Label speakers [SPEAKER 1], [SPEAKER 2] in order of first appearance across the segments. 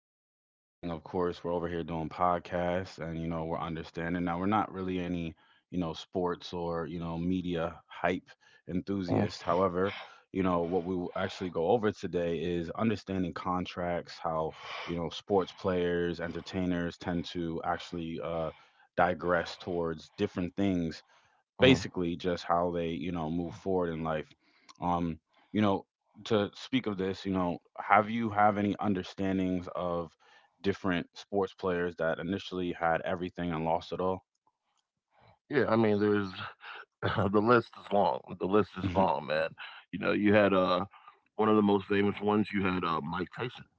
[SPEAKER 1] one thing, of course, we're over here doing podcasts, and you know, we're understanding now. We're not really any, you know, sports or you know, media hype enthusiasts. However, you know, what we will actually go over today is understanding contracts, how you know, sports players, entertainers tend to actually digress towards different things,
[SPEAKER 2] Mm-hmm.
[SPEAKER 1] basically just how they you know move forward in life. um you know, to speak of this, you know, have any understandings of different sports players that initially had everything and lost it all?
[SPEAKER 2] Yeah, I mean, there's the list is long. The list is
[SPEAKER 1] Mhm.
[SPEAKER 2] long, man. You know, you had one of the most famous ones. You had Mike Tyson.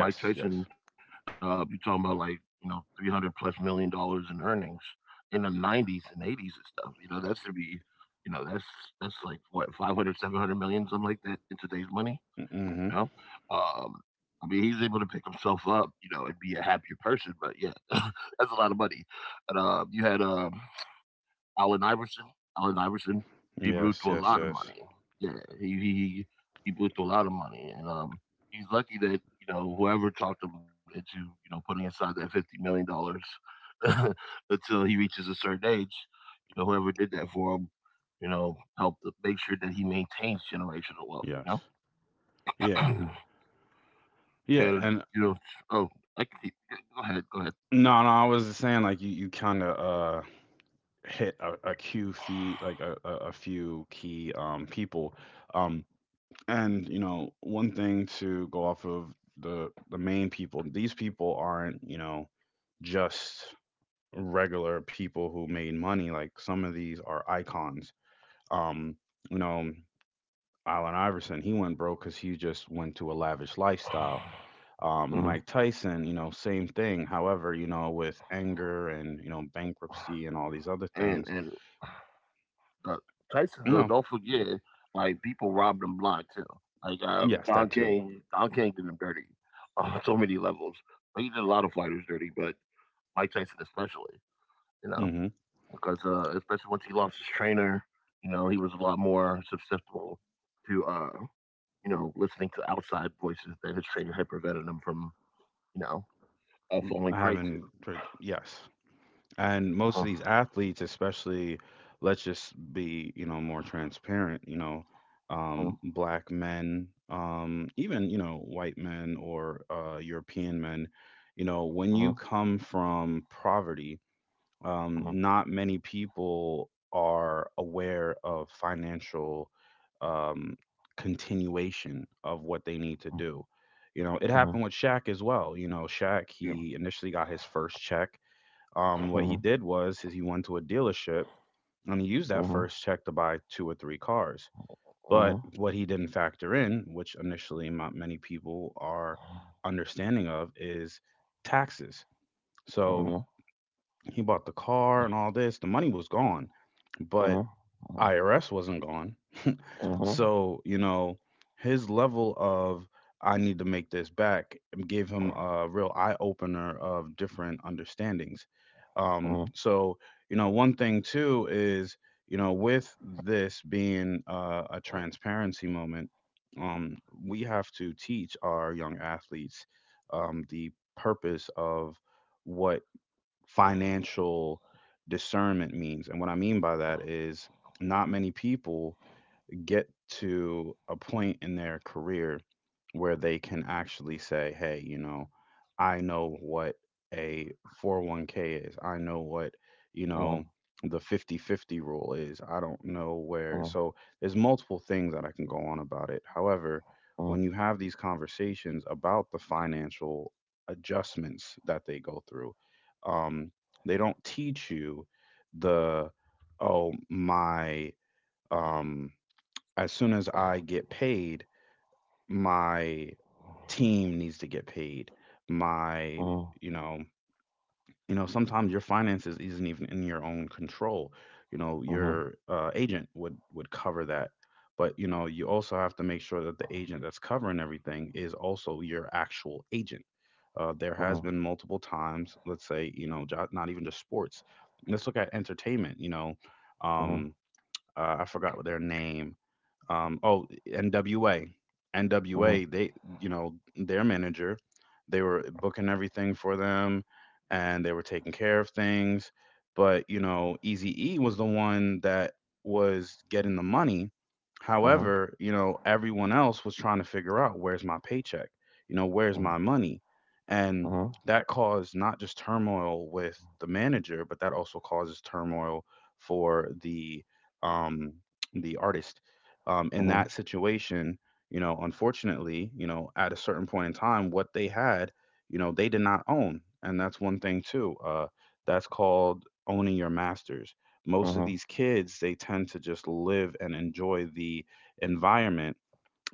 [SPEAKER 2] And Mike
[SPEAKER 1] yes.
[SPEAKER 2] Tyson, you talking about like you know $300 plus million in earnings in the 90s and 80s and stuff. You know, that's to be, you know, that's like what 500, 700 million, something like that in today's money.
[SPEAKER 1] Mm-hmm.
[SPEAKER 2] You know? Um, I mean, he's able to pick himself up, you know, and be a happier person. But yeah, that's a lot of money. And you had Allen Iverson. Allen Iverson, he blew
[SPEAKER 1] Yes,
[SPEAKER 2] through a
[SPEAKER 1] yes,
[SPEAKER 2] lot of
[SPEAKER 1] yes.
[SPEAKER 2] money. Yeah, he blew through a lot of money, and he's lucky that you know whoever talked him into you know putting aside that $50 million until he reaches a certain age. You know, whoever did that for him, you know, helped to make sure that he maintains generational wealth.
[SPEAKER 1] Yes.
[SPEAKER 2] You
[SPEAKER 1] Yeah,
[SPEAKER 2] know.
[SPEAKER 1] yeah. And
[SPEAKER 2] And, you know, oh, I can keep go ahead, go ahead.
[SPEAKER 1] no, no, I was just saying, like you kind of hit a few feet, like a few key people. um and you know, one thing to go off of, the main people, these people aren't you know just regular people who made money. Like some of these are icons. um you know, Allen Iverson, he went broke cuz he just went to a lavish lifestyle.
[SPEAKER 2] Mhm.
[SPEAKER 1] Mike Tyson, you know, same thing, however, you know, with anger and you know bankruptcy and all these other
[SPEAKER 2] And
[SPEAKER 1] things,
[SPEAKER 2] and, uh, Tyson,
[SPEAKER 1] you
[SPEAKER 2] though,
[SPEAKER 1] know.
[SPEAKER 2] don't forget, like, people robbed him blind too. Like,
[SPEAKER 1] Yes,
[SPEAKER 2] Don
[SPEAKER 1] that too.
[SPEAKER 2] King Don King did him dirty on so many levels. But he did a lot of fighters dirty, but Mike Tyson especially, you know,
[SPEAKER 1] Mhm.
[SPEAKER 2] because, especially once he lost his trainer, you know, he was a lot more susceptible to, you know, listening to outside voices that his trainer had prevented him from, you know, falling
[SPEAKER 1] I
[SPEAKER 2] prey to.
[SPEAKER 1] haven't like, yes. And
[SPEAKER 2] Mhm.
[SPEAKER 1] most of these athletes, especially, let's just be, you know, more transparent, you know,
[SPEAKER 2] Uh
[SPEAKER 1] black men, even, you know, white men or European men, you know,
[SPEAKER 2] mhm.
[SPEAKER 1] when you come from poverty,
[SPEAKER 2] Mhm.
[SPEAKER 1] not many people are aware of financial um, continuation of what they need to do. You know, it
[SPEAKER 2] Mhm.
[SPEAKER 1] happened with Shaq as well. You know, Shaq,
[SPEAKER 2] Yeah.
[SPEAKER 1] he initially got his first check.
[SPEAKER 2] Uh
[SPEAKER 1] What
[SPEAKER 2] huh.
[SPEAKER 1] he did was is he went to a dealership and he used
[SPEAKER 2] Uh
[SPEAKER 1] that
[SPEAKER 2] huh.
[SPEAKER 1] first check to buy two or three cars.
[SPEAKER 2] Uh
[SPEAKER 1] But what he didn't factor in, which initially not many people are understanding of, is taxes.
[SPEAKER 2] huh.
[SPEAKER 1] So he bought the car and all this. The money was gone,
[SPEAKER 2] Uh huh.
[SPEAKER 1] but
[SPEAKER 2] Uh
[SPEAKER 1] IRS wasn't gone.
[SPEAKER 2] mhm.
[SPEAKER 1] So, you know, his level of I need to make this back gave him a real eye opener of different understandings. So, you know, one thing too is, you know, with this being a transparency moment, um, we have to teach our young athletes the purpose of what financial discernment means. And what I mean by that is, not many people get to a point in their career where they can actually say, hey, you know, I know what a 401(k) is. I know what,
[SPEAKER 2] Uh huh.
[SPEAKER 1] you know, the 50/50 rule is. I don't know
[SPEAKER 2] Uh
[SPEAKER 1] where. So there's multiple things that I can go on about it. However,
[SPEAKER 2] mhm.
[SPEAKER 1] when you have these conversations about the financial adjustments that they go through, um, they don't teach you the, oh, my, um, as soon as I get paid, my team needs to get paid.
[SPEAKER 2] Uh
[SPEAKER 1] My, you know, you know, sometimes your finances isn't even in your own control. You know,
[SPEAKER 2] mhm.
[SPEAKER 1] your agent would cover that, but you know, you also have to make sure that the agent that's covering everything is also your actual agent. There has been multiple times, let's say, you know, not even just sports. Let's look at entertainment. You know,
[SPEAKER 2] Mhm.
[SPEAKER 1] um, I forgot their name. Oh, NWA,
[SPEAKER 2] Uh
[SPEAKER 1] NWA. They, you know, their manager, they were booking everything for them, and they were taking care of things. But you know, Eazy E was the one that was getting the money. However, you know, everyone else was trying to figure out, where's my paycheck? You know, where's my money? And that caused not just turmoil with the manager, but that also causes turmoil for um, the artist, in
[SPEAKER 2] huh.
[SPEAKER 1] that situation. You know, unfortunately, you know, at a certain point in time, what they had, you know, they did not own. And that's one thing too. That's called owning your masters. Most of
[SPEAKER 2] Uh
[SPEAKER 1] these kids, they tend to just live and enjoy the environment,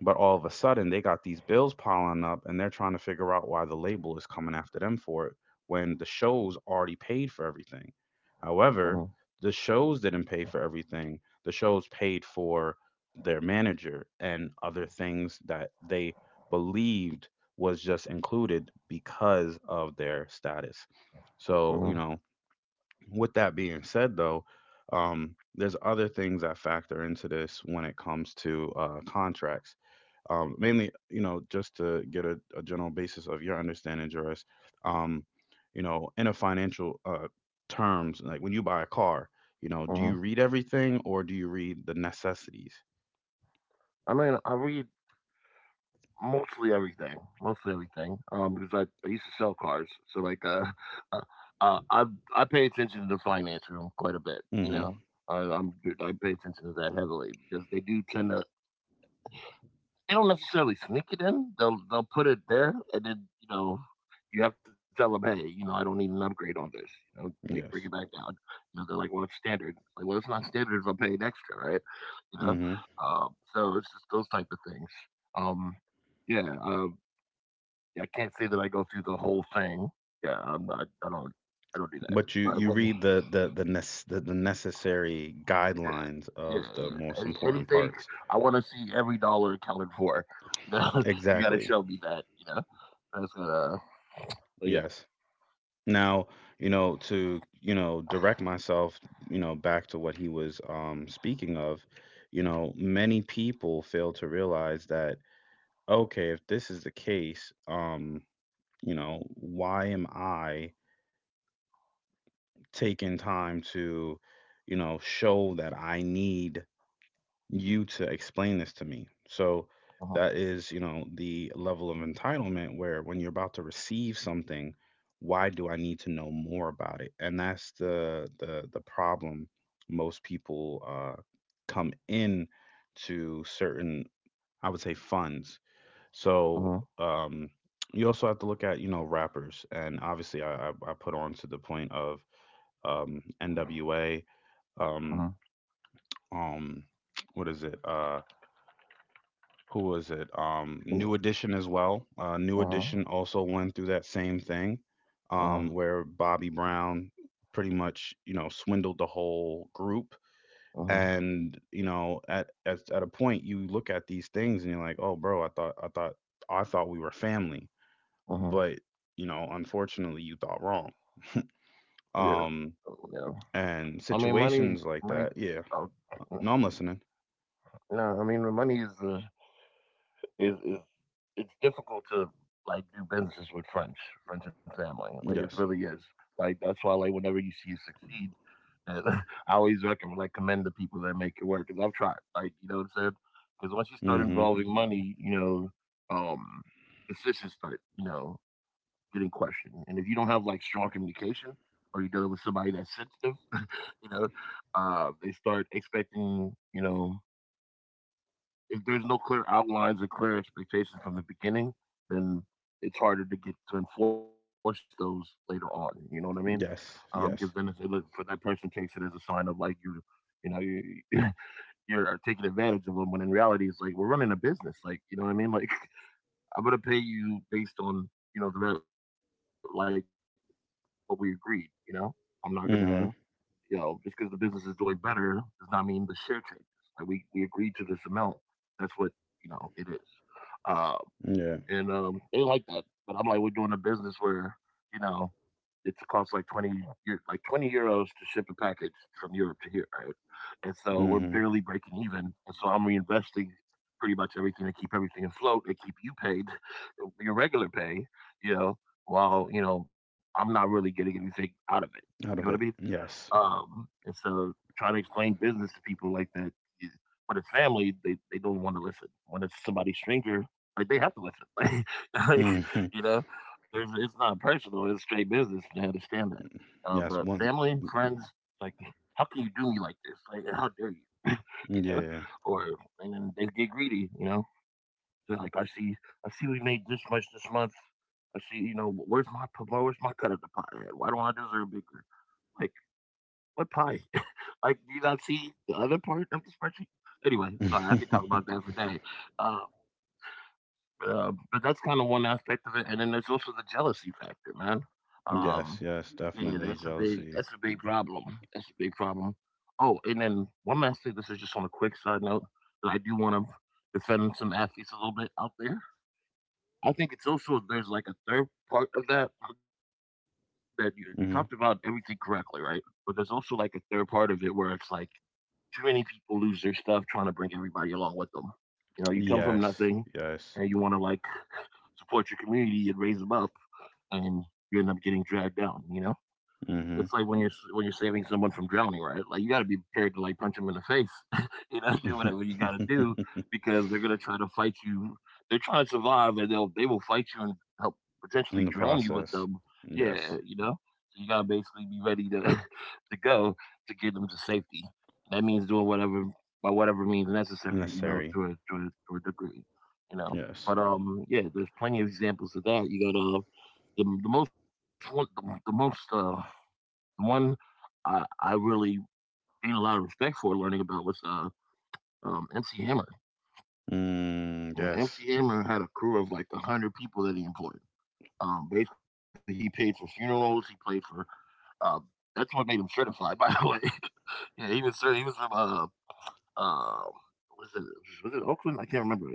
[SPEAKER 1] but all of a sudden, they got these bills piling up and they're trying to figure out why the label is coming after them for it, when the shows already paid for everything. However, the shows didn't pay for everything, the shows paid for their manager and other things that they believed was just included because of their status. So, you know, with that being said, though, there's other things that factor into this when it comes to contracts, mainly, you know, just to get a general basis of your understanding, Juris. Um, you know, in a financial terms, like when you buy a car, you know, do
[SPEAKER 2] huh.
[SPEAKER 1] you read everything or do you read the necessities?
[SPEAKER 2] I mean, I read mostly everything, mostly everything. Because I used to sell cars, so like uh, uh, I I pay attention to the finance room quite a bit. You
[SPEAKER 1] Mm-hmm.
[SPEAKER 2] know, I, I'm I pay attention to that heavily because they do tend to. They don't necessarily sneak it in. They'll put it there, and then you know you have to tell them, hey, you know, I don't need an upgrade on this. You know, like bring it back
[SPEAKER 1] Yes.
[SPEAKER 2] down. You know, they're like, well, it's standard. Like, well, it's not standard if I'm paying extra, right? You know,
[SPEAKER 1] Hmm.
[SPEAKER 2] um, so it's just those type of things. Um, yeah, yeah, I can't say that I go through the whole thing. Yeah, I'm not. I don't. I don't do that.
[SPEAKER 1] But you you read the necessary
[SPEAKER 2] Yeah,
[SPEAKER 1] guidelines
[SPEAKER 2] yeah,
[SPEAKER 1] of the
[SPEAKER 2] yeah.
[SPEAKER 1] most important
[SPEAKER 2] Anything,
[SPEAKER 1] parts.
[SPEAKER 2] I want to see every dollar accounted for. You know, you got to
[SPEAKER 1] Exactly.
[SPEAKER 2] show me that. You know. I That's but yeah.
[SPEAKER 1] Yes. Now, you know, to, you know, direct myself, you know, back to what he was speaking of, you know, many people fail to realize that, okay, if this is the case, you know, why am I taking time to, you know, show that I need you to explain this to me. So
[SPEAKER 2] Uh-huh.
[SPEAKER 1] that is, you know, the level of entitlement where, when you're about to receive something, why do I need to know more about it? And that's the problem most people come in to certain, I would say, funds.
[SPEAKER 2] Uh-huh.
[SPEAKER 1] So um, you also have to look at, you know, rappers, and obviously, I put on to the point of NWA,
[SPEAKER 2] Uh-huh.
[SPEAKER 1] um, um, what is it? Who was it?
[SPEAKER 2] Mm.
[SPEAKER 1] New Edition as well. New
[SPEAKER 2] Uh-huh.
[SPEAKER 1] Edition also went through that same thing,
[SPEAKER 2] Uh-huh.
[SPEAKER 1] where Bobby Brown pretty much you know swindled the whole group.
[SPEAKER 2] Uh-huh.
[SPEAKER 1] And you know, at a point, you look at these things and you're like, oh, bro, I thought we were family,
[SPEAKER 2] Uh-huh.
[SPEAKER 1] but you know, unfortunately, you thought wrong.
[SPEAKER 2] Yeah. Oh,
[SPEAKER 1] Um,
[SPEAKER 2] yeah. I mean
[SPEAKER 1] and
[SPEAKER 2] money
[SPEAKER 1] situations
[SPEAKER 2] money
[SPEAKER 1] like that,
[SPEAKER 2] oh,
[SPEAKER 1] yeah. No, I'm listening.
[SPEAKER 2] no, I mean the money is is is it's difficult to like do businesses with friends, and family. Like it
[SPEAKER 1] Yes.
[SPEAKER 2] really is. Like that's why like whenever you see it succeed and I always recommend like commend the people that make it work because I've tried. Like you know what I'm saying? Because once you start
[SPEAKER 1] Mm-hmm.
[SPEAKER 2] involving money, you know, um, decisions start. You know, getting questioned. And if you don't have like strong communication or you're dealing with somebody that's sensitive, you know, they start expecting, you know, if there's no clear outlines or clear expectations from the beginning, then it's harder to get to enforce those later on. You know what I mean? Because
[SPEAKER 1] Yes.
[SPEAKER 2] then
[SPEAKER 1] Yes.
[SPEAKER 2] for that person takes it as a sign of like you know, you you're taking advantage of them. When in reality, it's like we're running a business. Like you know what I mean? Like I'm gonna pay you based on you know like what we agreed. You know, I'm not gonna you know just because
[SPEAKER 1] Mm-hmm.
[SPEAKER 2] the business is doing better does not mean the share changes. Like we agreed to this amount. That's what you know it is. Uh,
[SPEAKER 1] Yeah.
[SPEAKER 2] and they like that. But I'm like, we're doing a business where you know it costs like €20 to ship a package from Europe to here, right? And so we're
[SPEAKER 1] Mhm.
[SPEAKER 2] barely breaking even, and so I'm reinvesting pretty much everything to keep everything afloat and keep you paid your regular pay, you know, while you know I'm not really getting anything out of it. You know what
[SPEAKER 1] Out
[SPEAKER 2] I
[SPEAKER 1] of
[SPEAKER 2] mean?
[SPEAKER 1] it. Yes.
[SPEAKER 2] And so trying to explain business to people like that, is- when it's family, they don't want to listen. When it's somebody stranger, like they have to listen. Like,
[SPEAKER 1] Mhm.
[SPEAKER 2] you know, it's not personal. It's straight business. They understand that.
[SPEAKER 1] Yes.
[SPEAKER 2] But
[SPEAKER 1] One.
[SPEAKER 2] family, friends, like, how can you do me like this? Like, how dare you? you know,
[SPEAKER 1] Yeah.
[SPEAKER 2] or and then they get greedy. You know, they're like, I see, we made this much this month. I see, you know, where's my cut of the pie at? Why don't I deserve bigger? Like, what pie? Like, do you not see the other part of the spreadsheet? Anyway, sorry, I could talk about that for a day. Uh, but that's kind of one aspect of it, and then there's also the jealousy factor, man.
[SPEAKER 1] Yes.
[SPEAKER 2] Um,
[SPEAKER 1] Yes.
[SPEAKER 2] yeah,
[SPEAKER 1] Definitely jealousy.
[SPEAKER 2] that's a big problem. That's a big problem. Oh, and then one last thing. This is just on a quick side note that I do want to defend some athletes a little bit out there. I think it's also there's like a third part of that that you talked about everything correctly,
[SPEAKER 1] Hmm.
[SPEAKER 2] right? But there's also like a third part of it where it's like too many people lose their stuff trying to bring everybody along with them. You know, you come from nothing
[SPEAKER 1] Yes.
[SPEAKER 2] and you want to
[SPEAKER 1] Yes.
[SPEAKER 2] like support your community and raise them up, and you end up getting dragged down, you know? It's
[SPEAKER 1] Hmm.
[SPEAKER 2] like when when you're saving someone from drowning, right? Like you got to be prepared to like punch them in the face, you know, do whatever you got to do because they're gonna try to fight you. They're trying to survive, and they will fight you and help
[SPEAKER 1] In
[SPEAKER 2] potentially
[SPEAKER 1] the
[SPEAKER 2] drown you with
[SPEAKER 1] process.
[SPEAKER 2] them. Yeah,
[SPEAKER 1] Yes.
[SPEAKER 2] you know, so you gotta basically be ready to to go to get them to safety. That means doing whatever by whatever means necessary, you know,
[SPEAKER 1] Necessary.
[SPEAKER 2] to a degree, you know.
[SPEAKER 1] Yes.
[SPEAKER 2] But yeah, there's plenty of examples of that. You got the most one I really gained a lot of respect for learning about was MC Hammer.
[SPEAKER 1] Mm,
[SPEAKER 2] You know,
[SPEAKER 1] yes.
[SPEAKER 2] MC Hammer had a crew of like 100 people that he employed. Basically, he paid for funerals. He paid for. Uh, that's what made him certified, by the way. yeah, he was from uh was it was it Oakland? I can't remember. It was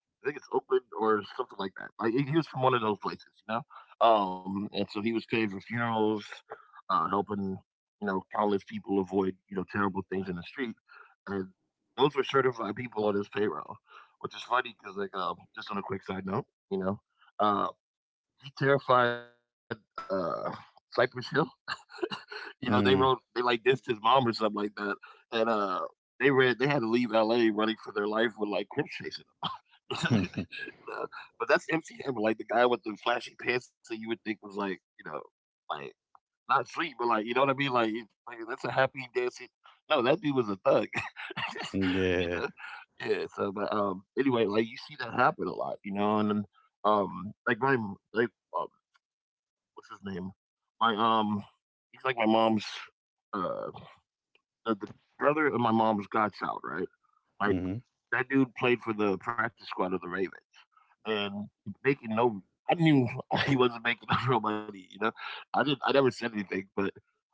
[SPEAKER 2] I think it's Oakland or something like that. Like he was from one of those places, you know. And so he was paid for funerals, helping you know countless people avoid you know terrible things in the street, and those were certified people on his payroll, which is funny because like just on a quick side note, you know, uh, he terrified Cypress Hill. You know, they like
[SPEAKER 1] Mm.
[SPEAKER 2] dissed his mom or something like that, and they had to leave L.A. running for their life with like Crips chasing them. you know. But that's MC Hammer, like the guy with the flashy pants that you would think was like, you know, like not street, but like you know what I mean, like, that's a happy dancing. No, that dude was a thug, you know.
[SPEAKER 1] Yeah.
[SPEAKER 2] Yeah. So, but anyway, like you see that happen a lot, you know, and then, like my like um, what's his name? My he's like my mom's uh the brother of my mom's godchild, right? Like
[SPEAKER 1] Mhm.
[SPEAKER 2] that dude played for the practice squad of the Ravens and making no I didn't even he wasn't making no real money, you know. I never said anything, but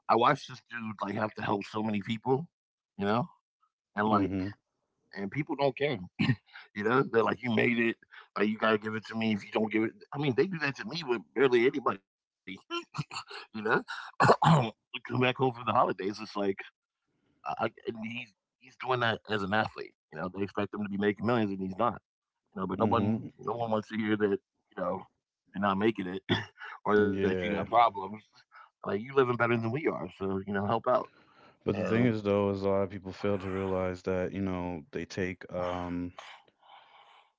[SPEAKER 2] I watched this dude like have to help so many people, you know? And like
[SPEAKER 1] Mhm.
[SPEAKER 2] and people don't care. you know, they're like, you made it, like you gotta give it to me if you don't give it I mean, they do that to me with barely anybody, you know? Come back home from the holidays, it's like I- and he's doing that as an athlete. You know, they expect him to be making millions and he's not, you know, but
[SPEAKER 1] Mhm.
[SPEAKER 2] no one wants to hear that, you know, you're not making it or that you got
[SPEAKER 1] Yeah.
[SPEAKER 2] problems. Like you living better than we are, so you know, help out.
[SPEAKER 1] But the
[SPEAKER 2] And
[SPEAKER 1] thing is, though, is a lot of people fail to realize that you know they take um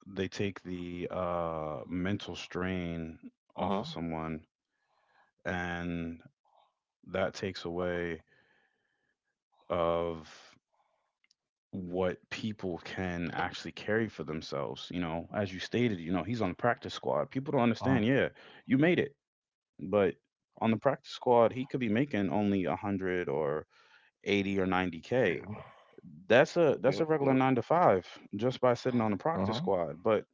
[SPEAKER 1] they take the mental strain
[SPEAKER 2] uh
[SPEAKER 1] off of
[SPEAKER 2] huh,
[SPEAKER 1] someone, and that takes away of what people can actually carry for themselves. You know, as you stated, you know, he's on the practice squad, people don't understand,
[SPEAKER 2] uh huh,
[SPEAKER 1] yeah, you made it, but on the practice squad he could be making only 100 or 80 or
[SPEAKER 2] yeah,
[SPEAKER 1] 90K.
[SPEAKER 2] yep,
[SPEAKER 1] that's a
[SPEAKER 2] yep,
[SPEAKER 1] that's a regular 9 to 5, just by
[SPEAKER 2] uh
[SPEAKER 1] sitting on the
[SPEAKER 2] huh,
[SPEAKER 1] practice squad, but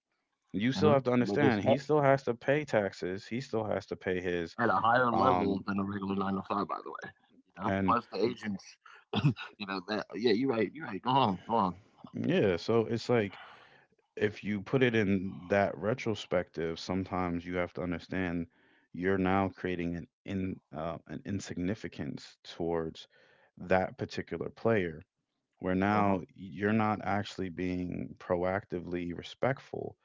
[SPEAKER 2] uh
[SPEAKER 1] you
[SPEAKER 2] huh.
[SPEAKER 1] still have to
[SPEAKER 2] But it's
[SPEAKER 1] understand, he still has to pay taxes, he still has to pay his
[SPEAKER 2] at a higher
[SPEAKER 1] um
[SPEAKER 2] level than a regular nine to five, by the way. You know,
[SPEAKER 1] and
[SPEAKER 2] plus the agents, you know that. Yeah, you're right. You're right. Go on, go on.
[SPEAKER 1] yeah, so it's like, if you put it in that retrospective, sometimes you have to understand, you're now creating an insignificance towards that particular player, where
[SPEAKER 2] Uh huh,
[SPEAKER 1] now you're not actually being proactively respectful,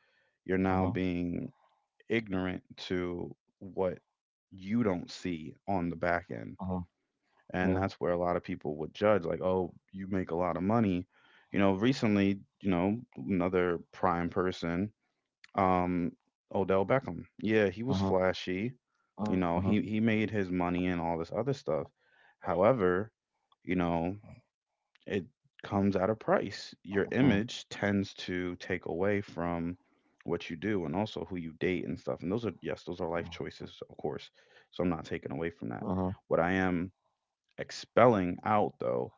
[SPEAKER 1] you're
[SPEAKER 2] uh
[SPEAKER 1] now
[SPEAKER 2] huh,
[SPEAKER 1] being ignorant to what you don't see on the back
[SPEAKER 2] uh huh.
[SPEAKER 1] end.
[SPEAKER 2] Yeah,
[SPEAKER 1] And that's where a lot of people would judge, like, oh, you make a lot of money. You know, recently, you know, another prime person, um Odell Beckham, yeah, he was
[SPEAKER 2] uh huh,
[SPEAKER 1] flashy.
[SPEAKER 2] uh
[SPEAKER 1] You
[SPEAKER 2] huh,
[SPEAKER 1] know, he made his money and all this other stuff. However, you know, it comes at a price.
[SPEAKER 2] uh
[SPEAKER 1] Your
[SPEAKER 2] huh,
[SPEAKER 1] image tends to take away from what you do, and also who you date and stuff, and those are, yes, those are life choices, of course.
[SPEAKER 2] uh huh.
[SPEAKER 1] So I'm not taking away from that. What I am expelling out, though,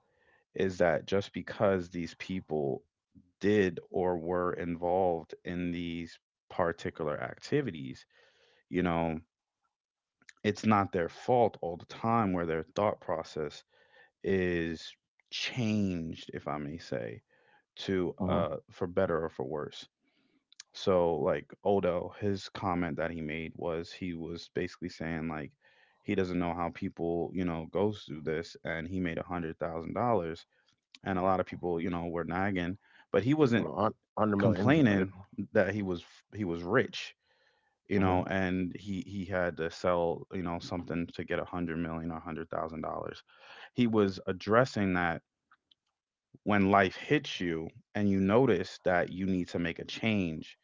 [SPEAKER 1] is that just because these people did or were involved in these particular activities, you know, it's not their fault all the time, where their thought process is changed, if I may say,
[SPEAKER 2] Uh huh.
[SPEAKER 1] to for better or for worse. So, like Odo, his comment that he made was, he was basically saying, like, he doesn't know how people, you know, goes through this, and he made $100,000, and a lot of people, you know, were nagging, but he wasn't
[SPEAKER 2] Well, 100 million,
[SPEAKER 1] complaining
[SPEAKER 2] right?
[SPEAKER 1] that he was rich, you
[SPEAKER 2] Uh
[SPEAKER 1] know,
[SPEAKER 2] huh.
[SPEAKER 1] and he had to sell, you know, something to get 100 million or $100,000. He was addressing that when life hits you and you notice that you need to make a change,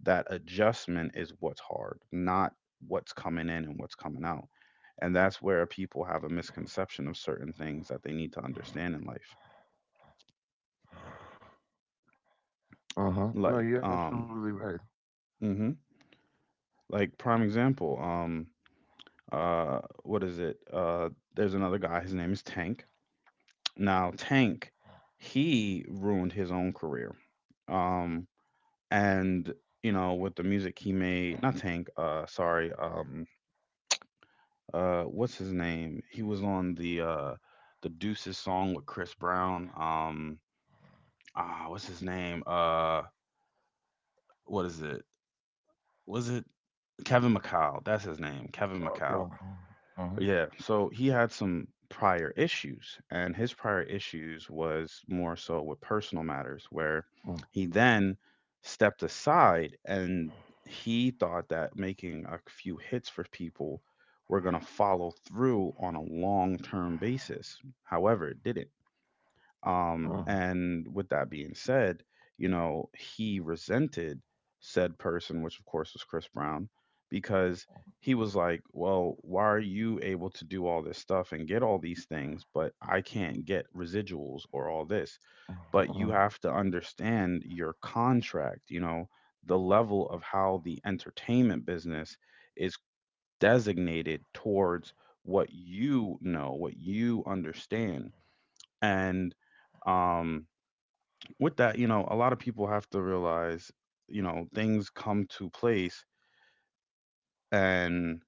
[SPEAKER 1] that adjustment is what's hard, not what's coming in and what's coming out. And that's where people have a misconception of certain things that they need to understand in life.
[SPEAKER 2] Uh-huh. No,
[SPEAKER 1] Like,
[SPEAKER 2] you're absolutely right.
[SPEAKER 1] mhm. Like prime example, what is it? There's another guy. His name is Tank. Now Tank, he ruined his own career. Um, and you know, with the music he made, not Tank. Sorry. What's his name? He was on the Deuces song with Chris Brown. What's his name? What is it? Was it Kevin McCall? That's his name, Kevin McCall.
[SPEAKER 2] Oh, uh-huh.
[SPEAKER 1] Yeah, so he had some prior issues, and his prior issues was more so with personal matters, where
[SPEAKER 2] Mm,
[SPEAKER 1] he then stepped aside and he thought that making a few hits for people were going to follow through on a long term basis. However, it didn't. Um,
[SPEAKER 2] uh-huh.
[SPEAKER 1] and with that being said, you know, he resented said person, which of course was Chris Brown, because he was like, "Well, why are you able to do all this stuff and get all these things, but I can't get residuals or all this?" But you
[SPEAKER 2] Uh-huh.
[SPEAKER 1] have to understand your contract, you know, the level of how the entertainment business is designated towards what you know, what you understand. And um with that, you know, a lot of people have to realize, you know, things come to place, and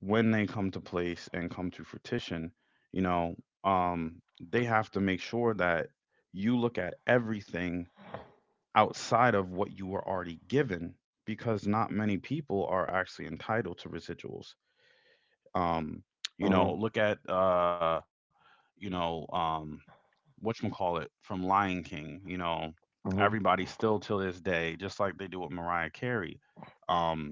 [SPEAKER 1] when they come to place and come to fruition, you know, um, they have to make sure that you look at everything outside of what you were already given, because not many people are actually entitled to residuals. Um, you know,
[SPEAKER 2] Uh-huh.
[SPEAKER 1] look at you know, um whatchamacallit from Lion King. You know, everybody
[SPEAKER 2] Uh-huh.
[SPEAKER 1] still till this day, just like they do with Mariah Carey. Um,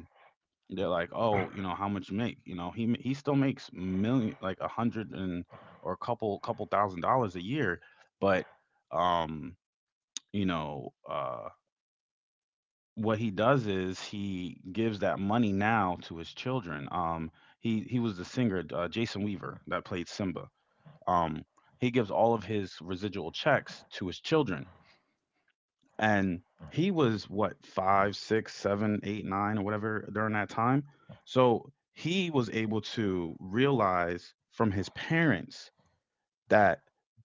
[SPEAKER 1] they're like, oh, you know, how much you make? You know, he still makes million, like a hundred and or a couple thousand dollars a year, but um, you know, uh, what he does is he gives that money now to his children. He was the singer, Jason Weaver, that played Simba. Um, he gives all of his residual checks to his children, and he was what, five six seven eight nine or whatever during that time, so he was able to realize from his parents that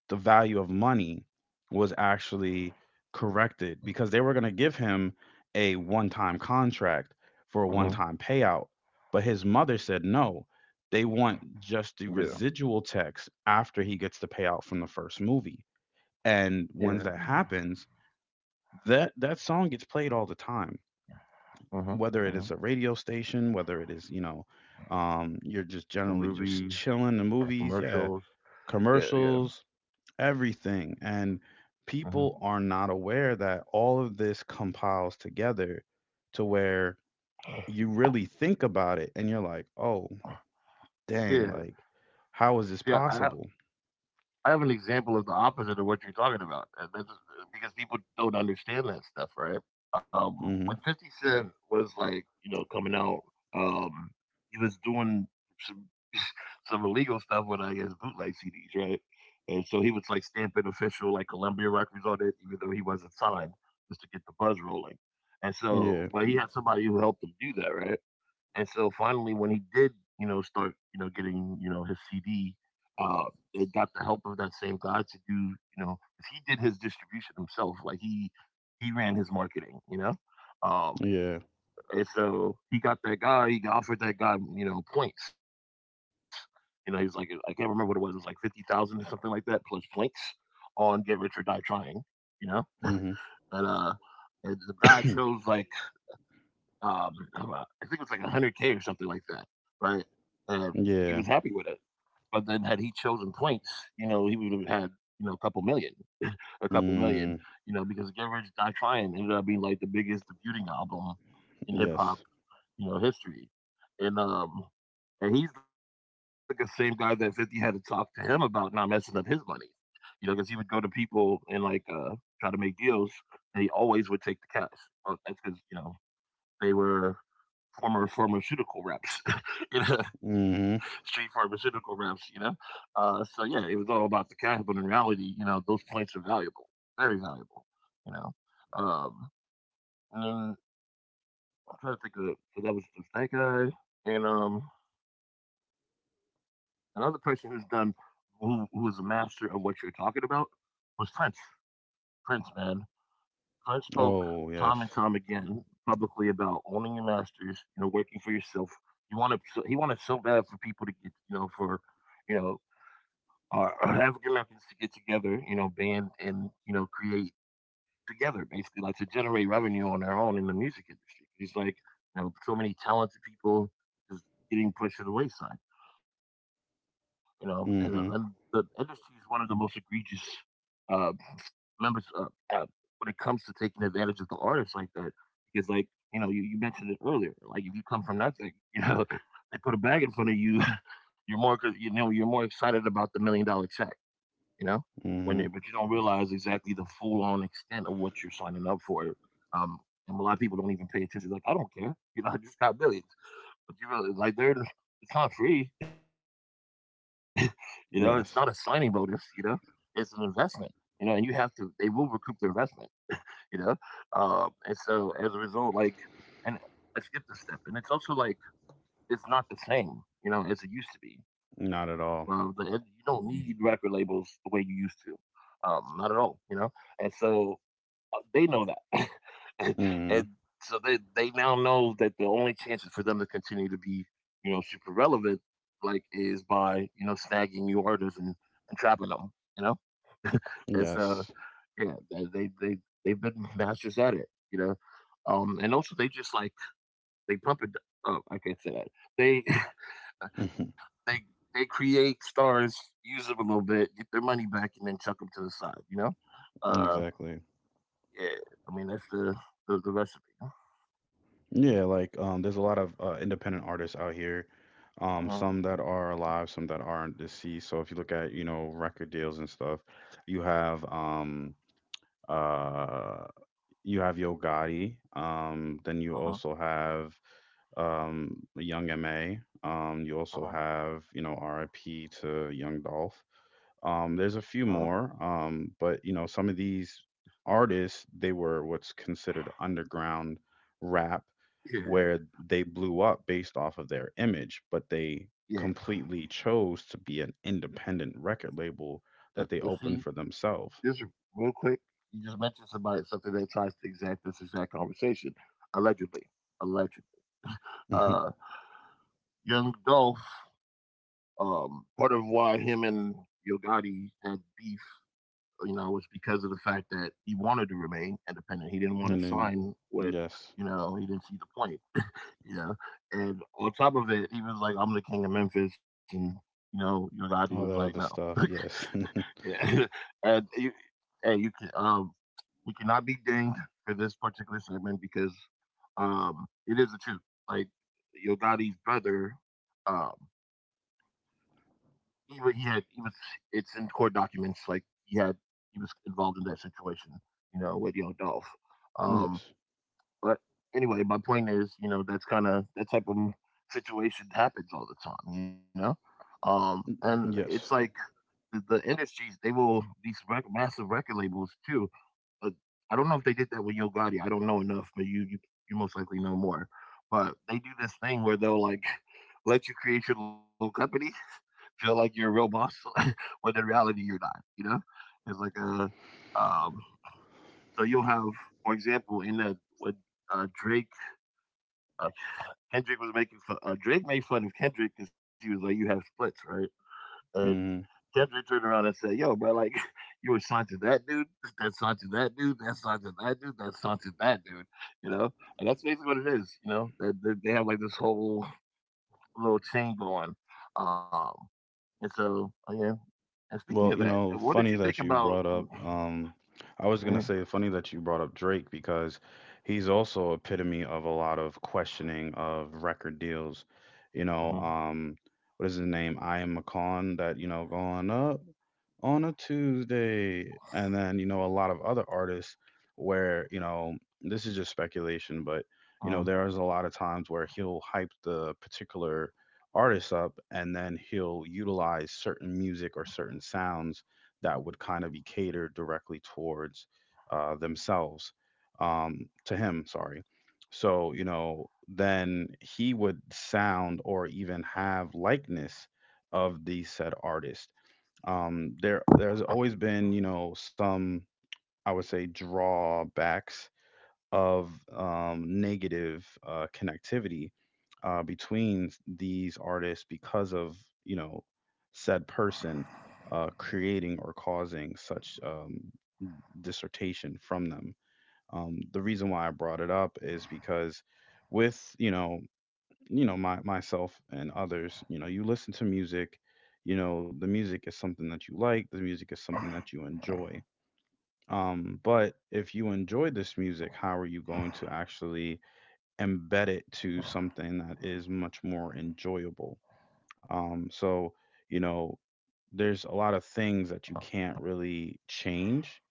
[SPEAKER 1] the value of money was actually corrected, because they were going to give him a one-time contract for a
[SPEAKER 2] Uh-huh.
[SPEAKER 1] one-time payout, but his mother said no, they want
[SPEAKER 2] Yeah.
[SPEAKER 1] just the residual tax after he gets the payout from the first movie. And
[SPEAKER 2] Yeah.
[SPEAKER 1] once that happens, that song gets played all the time,
[SPEAKER 2] Uh-huh.
[SPEAKER 1] whether
[SPEAKER 2] Uh-huh.
[SPEAKER 1] it is a radio station, whether it is, you know, you're just
[SPEAKER 2] Movies,
[SPEAKER 1] generally just chilling, the
[SPEAKER 2] commercials.
[SPEAKER 1] movies, yeah,
[SPEAKER 2] Yeah, yeah.
[SPEAKER 1] commercials, everything. And
[SPEAKER 2] Uh-huh.
[SPEAKER 1] people are not aware that all of this compiles together to where you really think about it and you're like, oh,
[SPEAKER 2] Yeah.
[SPEAKER 1] dang, like, how is
[SPEAKER 2] See,
[SPEAKER 1] this
[SPEAKER 2] I, I
[SPEAKER 1] possible?
[SPEAKER 2] I have an example of the opposite of what you're talking about, and that's because people don't understand that stuff, right? Um, when
[SPEAKER 1] Hmm.
[SPEAKER 2] 50 Cent was like, you know, coming out, um, he was doing some some illegal stuff with, I guess, bootleg CDs, right? And so he was like stamping official, like Columbia Records on it, even though he wasn't signed, just to get the buzz rolling. And so,
[SPEAKER 1] Yeah,
[SPEAKER 2] but he had somebody who helped him do that, right? And so finally, when he did, you know, start, you know, getting, you know, his CD, uh, they got the help of that same guy to do, you know, 'cause he did his distribution himself. Like he ran his marketing, you know. Um,
[SPEAKER 1] yeah.
[SPEAKER 2] and so he got that guy. He offered that guy, you know, points. You know, he was like, I can't remember what it was. It was like 50,000 or something like that, plus points on Get Rich or Die Trying. You know, and
[SPEAKER 1] Hmm.
[SPEAKER 2] uh, and the guy chose like um, I think it was like 100K or something like that, right? Uh, he was
[SPEAKER 1] Yeah.
[SPEAKER 2] happy with it. But then, had he chosen points, you know, he would have had, you know, a couple million, a couple
[SPEAKER 1] Mm,
[SPEAKER 2] million, you know, because Get Rich Die Tryin ended up being like the biggest debuting album in hip hop,
[SPEAKER 1] yes.
[SPEAKER 2] you know, history. And um, and he's the same guy that 50 had to talk to him about not messing up his money, you know, because he would go to people and like try to make deals, and he always would take the cash. That's because you know they were former pharmaceutical reps, you know, street
[SPEAKER 1] Mm-hmm.
[SPEAKER 2] pharmaceutical reps, you know. So yeah, it was all about the cash, but in reality, you know, those plates are valuable, very valuable, you know. Um, and then I'm trying to think of it. So that was the snake guy, and another person who is a master of what you're talking about was Prince. Prince, man, I spoke time and time
[SPEAKER 1] Oh,
[SPEAKER 2] again
[SPEAKER 1] yes.
[SPEAKER 2] publicly about owning your masters, you know, working for yourself. He wanted so bad for people to get, you know, for, you know, our African Americans to get together, you know, band and, you know, create together, basically, like to generate revenue on their own in the music industry. He's like, you know, so many talented people just getting pushed to the wayside, you know, and the industry
[SPEAKER 1] Mm-hmm.
[SPEAKER 2] is one of the most egregious uh, members uh, when it comes to taking advantage of the artists like that. Because, like, you know, you mentioned it earlier. Like, if you come from nothing, you know, they put a bag in front of you, you're you know, you're more excited about the million dollar check, you know,
[SPEAKER 1] Mm-hmm.
[SPEAKER 2] but you don't realize exactly the full on extent of what you're signing up for. Um, and a lot of people don't even pay attention. They're like, I don't care. You know, I just got millions. But you really like they're it's not free. You know, it's not a signing bonus, you know.
[SPEAKER 1] Yes.
[SPEAKER 2] It's an investment. You know, and you have to, they will recoup their investment, you know. And so as a result, like and I skipped a step. And it's also like it's not the same, you know, as it used to be. Well, you
[SPEAKER 1] Not at
[SPEAKER 2] don't
[SPEAKER 1] all.
[SPEAKER 2] need record labels the way you used to. Not at all, you know. And so they know that. and and
[SPEAKER 1] Mm-hmm.
[SPEAKER 2] so they now know that the only chances for them to continue to be, you know, super relevant like is by, you know, snagging new artists and trapping them, you know. It's
[SPEAKER 1] Yes.
[SPEAKER 2] yeah, they've been masters at it, you know. And also they just like they pump it. Oh, I can't say that. They they they create stars, use them a little bit, get their money back, and then chuck them to the side, you know. uh
[SPEAKER 1] Exactly.
[SPEAKER 2] yeah, I mean that's the recipe.
[SPEAKER 1] Yeah, like, there's a lot of independent artists out here. Um,
[SPEAKER 2] Uh-huh.
[SPEAKER 1] some that are alive, some that aren't, deceased. So if you look at, you know, record deals and stuff, you have um uh you have Yo Gotti. Then
[SPEAKER 2] Uh-huh.
[SPEAKER 1] you also have Young MA. Um, you
[SPEAKER 2] Uh-huh.
[SPEAKER 1] also have, you know, RIP to Young Dolph. There's
[SPEAKER 2] Uh-huh.
[SPEAKER 1] a few more, but you know, some of these artists, they were what's considered underground rap,
[SPEAKER 2] Yeah.
[SPEAKER 1] where they blew up based off of their image, but they
[SPEAKER 2] Yeah.
[SPEAKER 1] completely chose to be an independent record label
[SPEAKER 2] And,
[SPEAKER 1] that
[SPEAKER 2] and
[SPEAKER 1] they
[SPEAKER 2] see,
[SPEAKER 1] opened for themselves.
[SPEAKER 2] just real quick, you just mentioned somebody something that tries to exact this exact conversation. Allegedly. Allegedly.
[SPEAKER 1] Mhm.
[SPEAKER 2] Uh Young Dolph, part of why him and Yo Gotti had beef, you know, was because of the fact that he wanted to remain independent. He didn't want
[SPEAKER 1] And
[SPEAKER 2] to
[SPEAKER 1] then,
[SPEAKER 2] sign with,
[SPEAKER 1] yes,
[SPEAKER 2] you know, he didn't see the point, you know. And on top of it, he was like, I'm the king of Memphis, and you know, Yo Gotti was like,
[SPEAKER 1] all
[SPEAKER 2] No.
[SPEAKER 1] that other stuff. Yes,
[SPEAKER 2] Yeah. and you, hey, you can we cannot be dinged for this particular segment because it is the truth. Like Yo Gotti's brother, um, even he was, it's in court documents. Like he had he was involved in that situation, you know, with young Dolph. Um,
[SPEAKER 1] yes.
[SPEAKER 2] but anyway, my point is, you know, that's kind of that type of situation happens all the time, you know. And
[SPEAKER 1] Mm,
[SPEAKER 2] it's like
[SPEAKER 1] yes.
[SPEAKER 2] the industries they will these rec- massive record labels too. Uh, I don't know if they did that with Yo Gotti. I don't know enough, but you most likely know more. But they do this thing where they'll like let you create your little company, feel like you're a real boss, when in reality you're not. You know, it's like a um, so you'll have, for example, in the what Drake uh, Kendrick was making fun, Drake made fun of Kendrick because he was like, "You have splits, right?" And
[SPEAKER 1] Mhm.
[SPEAKER 2] Devin turned around and said, "Yo, bro, like you were signed to that dude, that's signed to that dude, that's signed to that dude, that's signed to that dude." You know, and that's basically what it is. You know, that that they have like this whole little chain going. Um, and so, yeah. And speaking of
[SPEAKER 1] Well, you
[SPEAKER 2] that,
[SPEAKER 1] know,
[SPEAKER 2] what did you
[SPEAKER 1] funny
[SPEAKER 2] think
[SPEAKER 1] that you
[SPEAKER 2] about?
[SPEAKER 1] brought up, I was
[SPEAKER 2] Mhm,
[SPEAKER 1] gonna say funny that you brought up Drake, because he's also epitome of a lot of questioning of record deals. You know,
[SPEAKER 2] mhm,
[SPEAKER 1] what is his name? I am a con that, you know, going up on a Tuesday. And then, you know, a lot of other artists where, you know, this is just speculation, but you know,
[SPEAKER 2] mhm,
[SPEAKER 1] there is a lot of times where he'll hype the particular artist up, and then he'll utilize certain music or certain sounds that would kind of be catered directly towards themselves, to him, sorry. So you know, then he would sound or even have likeness of the said artist. Um, there's always been, you know, some, I would say, drawbacks of negative connectivity between these artists because of, you know, said person creating or causing such, dissertation from them. The reason why I brought it up is because with, you know, you know, my myself and others, you know, you listen to music, you know, the music is something that you like, the music is something that you enjoy, but if you enjoy this music, how are you going to actually embed it to something that is much more enjoyable? So, you know, there's a lot of things that you can't really change.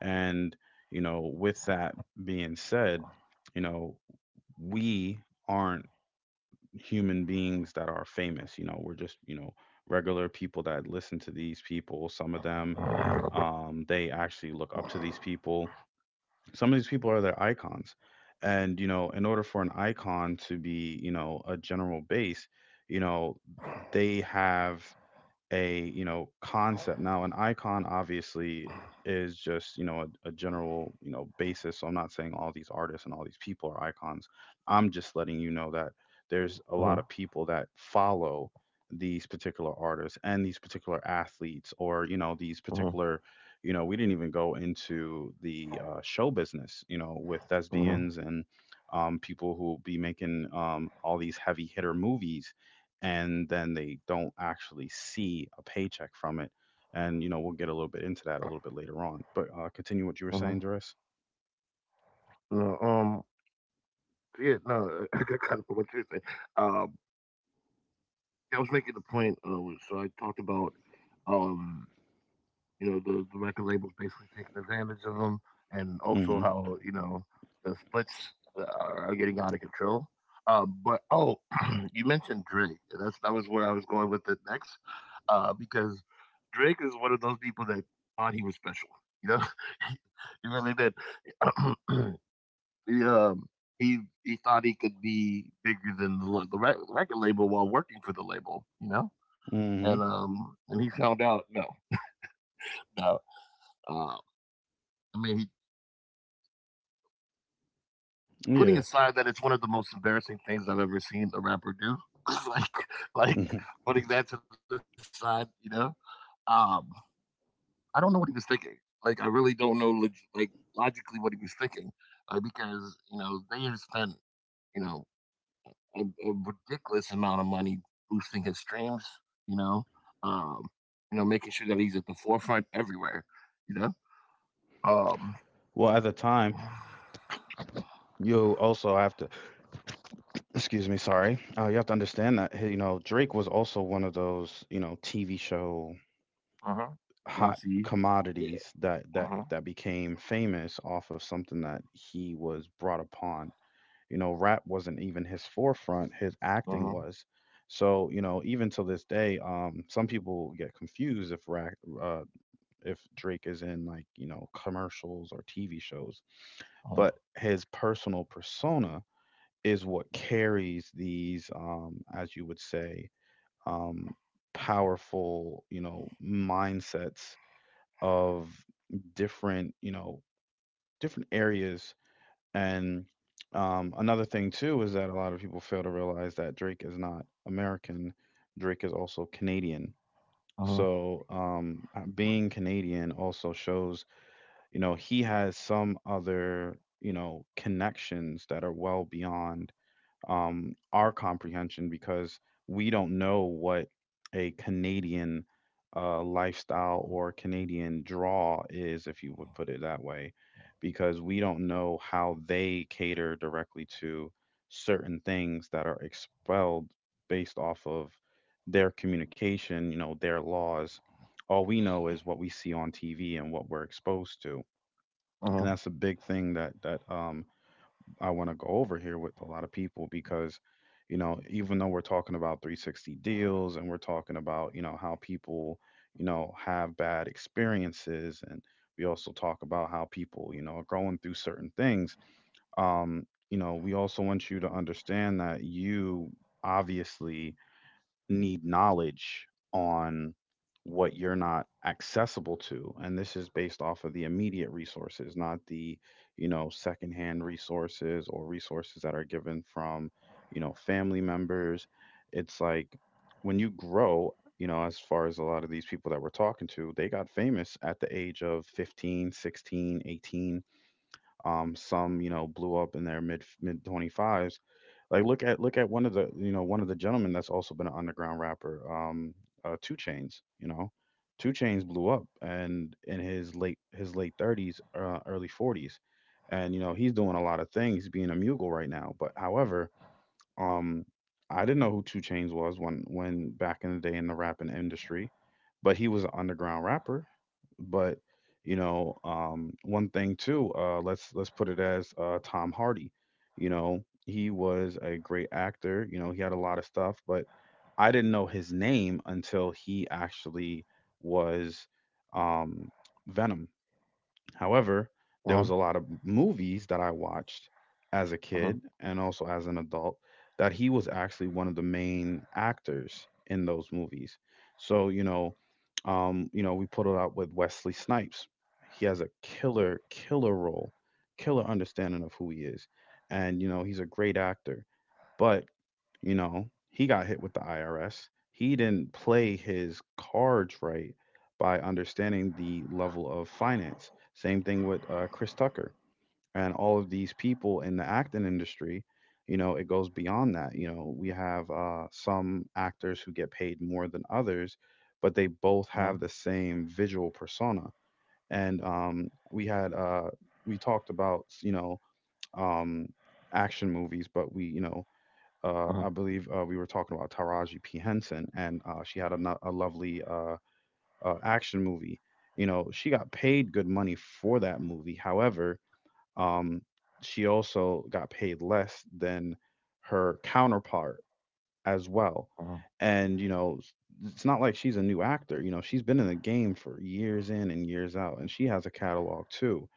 [SPEAKER 1] And, you know, with that being said, you know, we aren't human beings that are famous. You know, we're just, you know, regular people that listen to these people. Some of them, they actually look up to these people. Some of these people are their icons, and you know, in order for an icon to be, you know, a general base, you know, they have a, you know, concept. Now an icon obviously is just, you know, a general, you know, basis, so I'm not saying all these artists and all these people are icons. I'm just letting you know that there's a lot
[SPEAKER 2] mhm,
[SPEAKER 1] of people that follow these particular artists and these particular athletes, or you know, these
[SPEAKER 2] mhm,
[SPEAKER 1] particular, you know, we didn't even go into the show business, you know, with
[SPEAKER 2] mhm,
[SPEAKER 1] thespians and, people who be making, all these heavy hitter movies, and then they don't actually see a paycheck from it. And you know, we'll get a little bit into that a little bit later on. But continue
[SPEAKER 2] mhm.
[SPEAKER 1] what you were saying, Doris.
[SPEAKER 2] No, yeah, no, I kind of what you're saying. Um, I was making the point. So I talked about um you know the record labels basically taking advantage of them, and also
[SPEAKER 1] Mm-hmm.
[SPEAKER 2] how you know the splits are getting out of control. Uh, but oh, you mentioned Drake. And that's that was where I was going with it next, because Drake is one of those people that thought he was special. You know, he really did. he, um, he thought he could be bigger than the rec- record label while working for the label. You know,
[SPEAKER 1] Mm-hmm.
[SPEAKER 2] and he found out no, no. Uh, I mean, he putting
[SPEAKER 1] Yeah.
[SPEAKER 2] aside that it's one of the most embarrassing things I've ever seen a rapper do, like like
[SPEAKER 1] Hmm.
[SPEAKER 2] putting that to the side, you know, um, I don't know what he was thinking. Like, I really don't know, like logically, what he was thinking, because you know they have spent you know a ridiculous amount of money boosting his streams, you know, um, you know, making sure that he's at the forefront everywhere, you know, um,
[SPEAKER 1] Well, at the time, you also have to, excuse me, sorry. You have to understand that, hey, you know, Drake was also one of those, you know, TV show
[SPEAKER 2] uh huh,
[SPEAKER 1] hot
[SPEAKER 2] Degrassi, yeah,
[SPEAKER 1] commodities, that
[SPEAKER 2] uh
[SPEAKER 1] that
[SPEAKER 2] huh,
[SPEAKER 1] that became famous off of something that he was brought upon. You know, rap wasn't even his forefront, his
[SPEAKER 2] uh
[SPEAKER 1] acting
[SPEAKER 2] huh,
[SPEAKER 1] was. So, you know, even till this day, some people get confused if rap, uh, if Drake is in like, you know, commercials or TV shows, but his personal persona is what carries these, as you would say, um, powerful, you know, mindsets of different, you know, different areas, and another thing too is that a lot of people fail to realize that Drake is not American. Drake is also Canadian.
[SPEAKER 2] uh huh.
[SPEAKER 1] So being Canadian also shows, you know, he has some other, you know, connections that are well beyond our comprehension, because we don't know what a Canadian lifestyle or Canadian draw is, if you would put it that way, because we don't know how they cater directly to certain things that are expelled based off of their communication, you know, their laws. All we know is what we see on TV and what we're exposed to.
[SPEAKER 2] Uh-huh.
[SPEAKER 1] And that's a big thing that I want to go over here with a lot of people, because, you know, even though we're talking about 360 deals and we're talking about, you know, how people, you know, have bad experiences, and we also talk about how people, you know, are going through certain things. Um, you know, we also want you to understand that you obviously need knowledge on what you're not accessible to, and this is based off of the immediate resources, not the, you know, secondhand resources or resources that are given from, you know, family members. It's like, when you grow, you know, as far as a lot of these people that we're talking to, they got famous at the age of 15, 16, 18. Some, you know, blew up in their mid 25s. Like, look at one of the, you know, one of the gentlemen that's also been an underground rapper, Two Chains. You know, Two Chains blew up and in his late, his late 30s, early 40s, and you know, he's doing a lot of things, being a mogul right now. But however, um, I didn't know who Two Chainz was when, back in the day in the rapping industry, but he was an underground rapper. But you know, one thing too, let's put it as Tom Hardy. You know, he was a great actor. You know, he had a lot of stuff, but I didn't know his name until he actually was um, Venom. However,
[SPEAKER 2] Uh-huh.
[SPEAKER 1] there was a lot of movies that I watched as a
[SPEAKER 2] Uh-huh.
[SPEAKER 1] kid and also as an adult that he was actually one of the main actors in those movies. So, you know, we put it out with Wesley Snipes. He has a killer, killer role, killer understanding of who he is. And, you know, he's a great actor. But, you know, he got hit with the IRS. He didn't play his cards right by understanding the level of finance. Same thing with Chris Tucker and all of these people in the acting industry. You know, it goes beyond that. You know, we have some actors who get paid more than others, but they
[SPEAKER 2] Uh-huh.
[SPEAKER 1] both have the same visual persona. And we had we talked about um, action movies, but we you know
[SPEAKER 2] Uh-huh.
[SPEAKER 1] I believe we were talking about Taraji P Henson, and she had a, a lovely action movie. You know, she got paid good money for that movie. However, um, she also got paid less than her counterpart as
[SPEAKER 2] Uh-huh.
[SPEAKER 1] well. And, you know, it's not like she's a new actor. You know, she's been in the game for years in and years out, and she has a catalog too.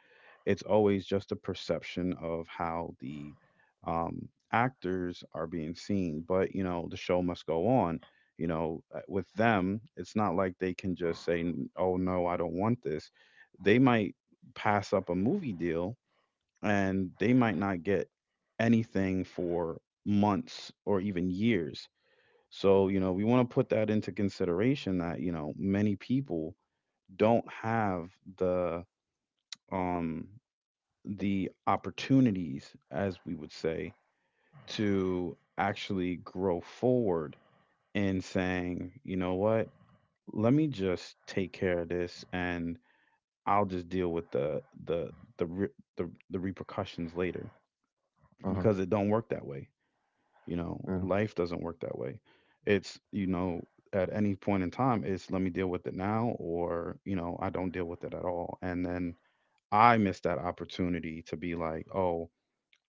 [SPEAKER 1] It's always just a perception of how the actors are being seen. But, you know, the show must go on. You know, with them, it's not like they can just say, Oh no, I don't want this." They might pass up a movie deal and they might not get anything for months or even years. So, you know, we want to put that into consideration that, you know, many people don't have the um the opportunities, as we would say, to actually grow forward in saying, you know what, let me just take care of this and I'll just deal with the re- the repercussions later
[SPEAKER 2] Uh-huh.
[SPEAKER 1] because it don't work that way. You
[SPEAKER 2] Yeah.
[SPEAKER 1] know, life doesn't work that way. It's, you know, at any point in time, it's let me deal with it now, or, you know, I don't deal with it at all. And then I missed that opportunity to be like, oh,